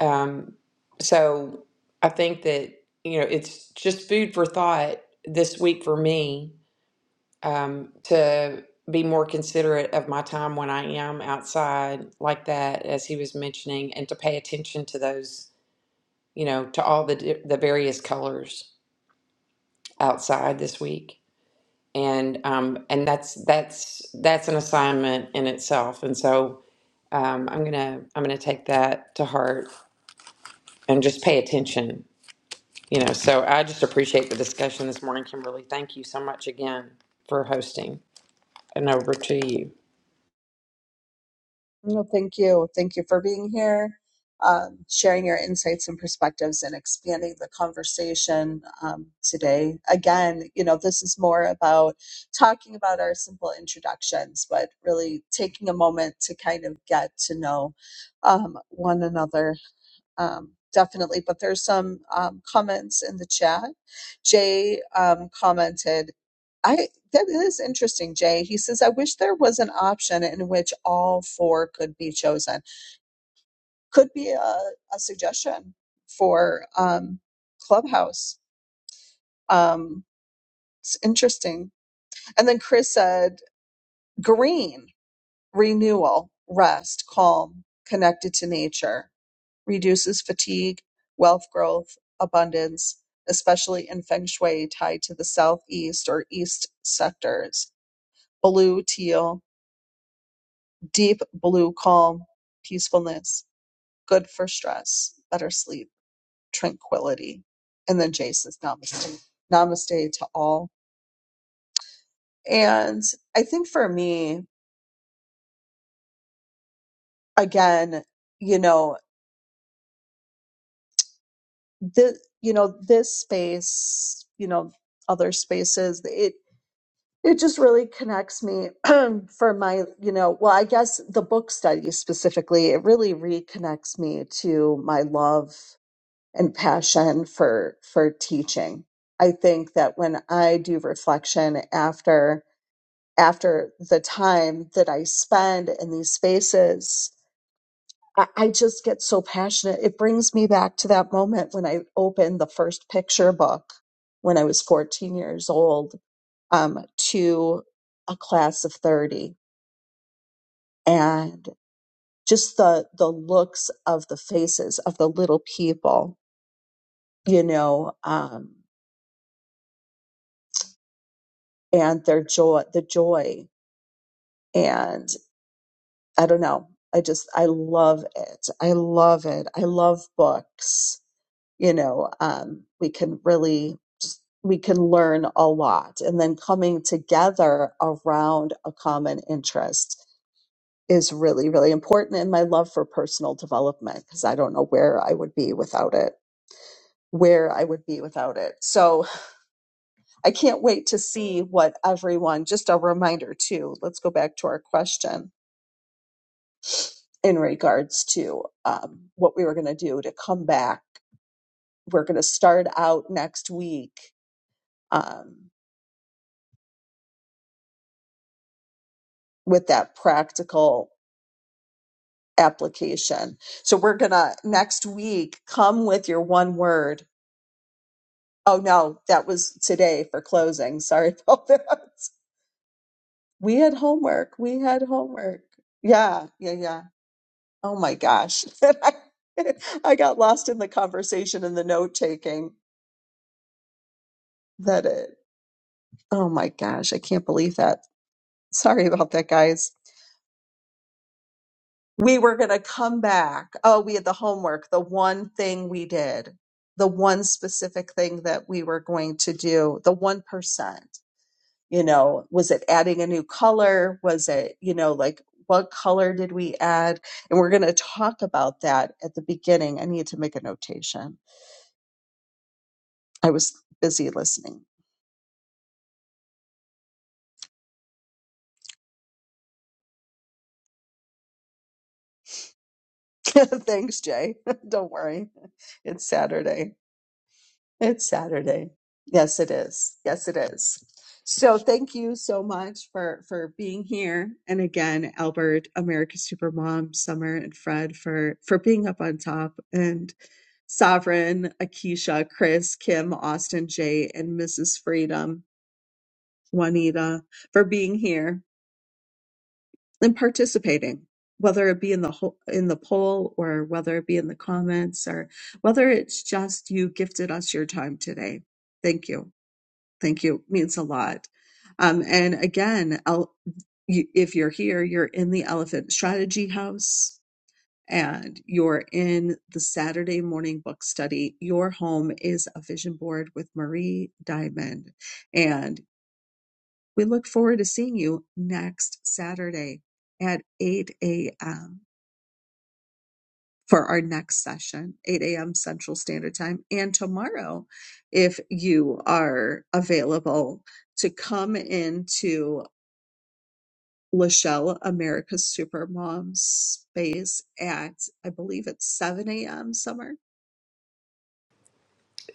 D: um, so I think that, you know, it's just food for thought this week for me um, to be more considerate of my time when I am outside like that, as he was mentioning, and to pay attention to those, you know, to all the di- the various colors outside this week. And um, and that's that's that's an assignment in itself. And so um, I'm gonna I'm gonna take that to heart and just pay attention You know, so I just appreciate the discussion this morning, Kimberly. Thank you so much again for hosting. And over to you.
A: No, thank you. Thank you for being here, um, sharing your insights and perspectives and expanding the conversation um, today. Again, you know, this is more about talking about our simple introductions, but really taking a moment to kind of get to know um, one another um, definitely. But there's some um, comments in the chat. Jay um, commented, "I that is interesting." Jay he says, "I wish there was an option in which all four could be chosen. Could be a, a suggestion for um, Clubhouse. Um, it's interesting." And then Chris said, "Green renewal, rest, calm, connected to nature." Reduces fatigue, wealth growth, abundance, especially in feng shui tied to the southeast or east sectors. Blue teal, deep blue calm, peacefulness, good for stress, better sleep, tranquility. And then Jace is namaste. Namaste to all. And I think for me, again, you know, the you know, this space, you know, other spaces. it. it just really connects me for my you know well i guess the book study specifically it really reconnects me to my love and passion for for teaching i think that when i do reflection after after the time that i spend in these spaces i, I just get so passionate it brings me back to that moment when i opened the first picture book when i was 14 years old um, to a class of 30 and just the the looks of the faces of the little people you know um, and their joy the joy and i don't know i just i love it i love it i love books you know um, we can really just we can learn a lot and then coming together around a common interest is really, really important and my love for personal development because I don't know where I would be without it, where I would be without it. So I can't wait to see what everyone, just a reminder too, let's go back to our question in regards to um, what we were going to do to come back. We're going to start out next week um, with that practical application. So we're going to next week come with your one word Oh no, that was today for closing. Sorry about that. We had homework. We had homework. Yeah, yeah, yeah. Oh my gosh. I, I got lost in the conversation and the note taking that it, oh my gosh, I can't believe that. Sorry about that, guys. We were going to come back. Oh, we had the homework, the one thing we did, the one specific thing that we were going to do, the 1%. you know was it adding a new color was it you know like what color did we add and we're going to talk about that at the beginning i need to make a notation i was busy listening thanks jay don't worry it's saturday It's Saturday. Yes, it is. Yes, it is. So thank you so much for for being here. And again, Albert, America's Supermom, Summer, and Fred for for being up on top and Sovereign, Akisha, Chris, Kim, Austin, Jay, and Mrs. Freedom, Juanita, for being here and participating, whether it be in the whole, in the poll or whether it be in the comments or whether it's just you gifted us your time today. Thank you. Thank you. Means a lot. Um, and again, el- you, if you're here, you're in the Elephant Strategy House and you're in the Saturday morning book study. Your home is a vision board with Marie Diamond. And we look forward to seeing you next Saturday at 8 a.m. for our next session, 8 a.m. Central Standard Time. And tomorrow, if you are available, to come into Lachelle, America's Supermom space at, I believe it's 7 a.m. somewhere.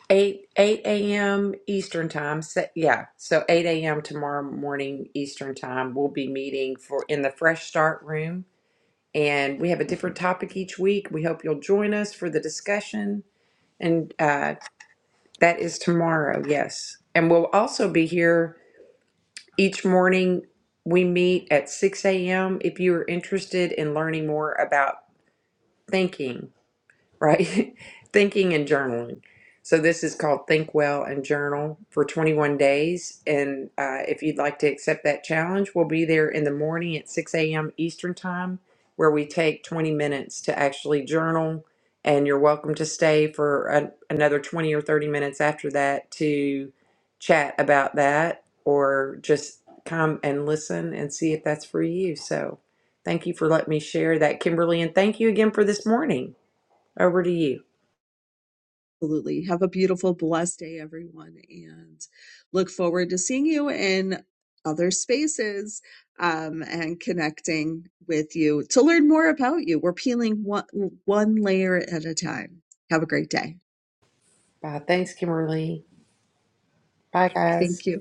D: 8 8 a.m. Eastern time. So, yeah, so 8 a.m. tomorrow morning Eastern time. We'll be meeting for in the Fresh Start room, and we have a different topic each week. We hope you'll join us for the discussion, and uh, that is tomorrow. Yes, and we'll also be here each morning. We meet at 6 a.m. If you are interested in learning more about thinking right? Thinking and journaling. So this is called Think Well and Journal for 21 days. And uh, if you'd like to accept that challenge, we'll be there in the morning at 6 a.m. Eastern Time, where we take 20 minutes to actually journal. And you're welcome to stay for an another 20 or 30 minutes after that to chat about that or just come and listen and see if that's for you. So thank you for letting me share that, Kimberly. And thank you again for this morning. Over to you.
A: Absolutely. Have a beautiful, blessed day, everyone, and look forward to seeing you in other spaces um, and connecting with you to learn more about you. We're peeling one, one layer at a time. Have a great day.
D: Bye. Thanks, Kimberly. Bye, guys.
A: Thank you.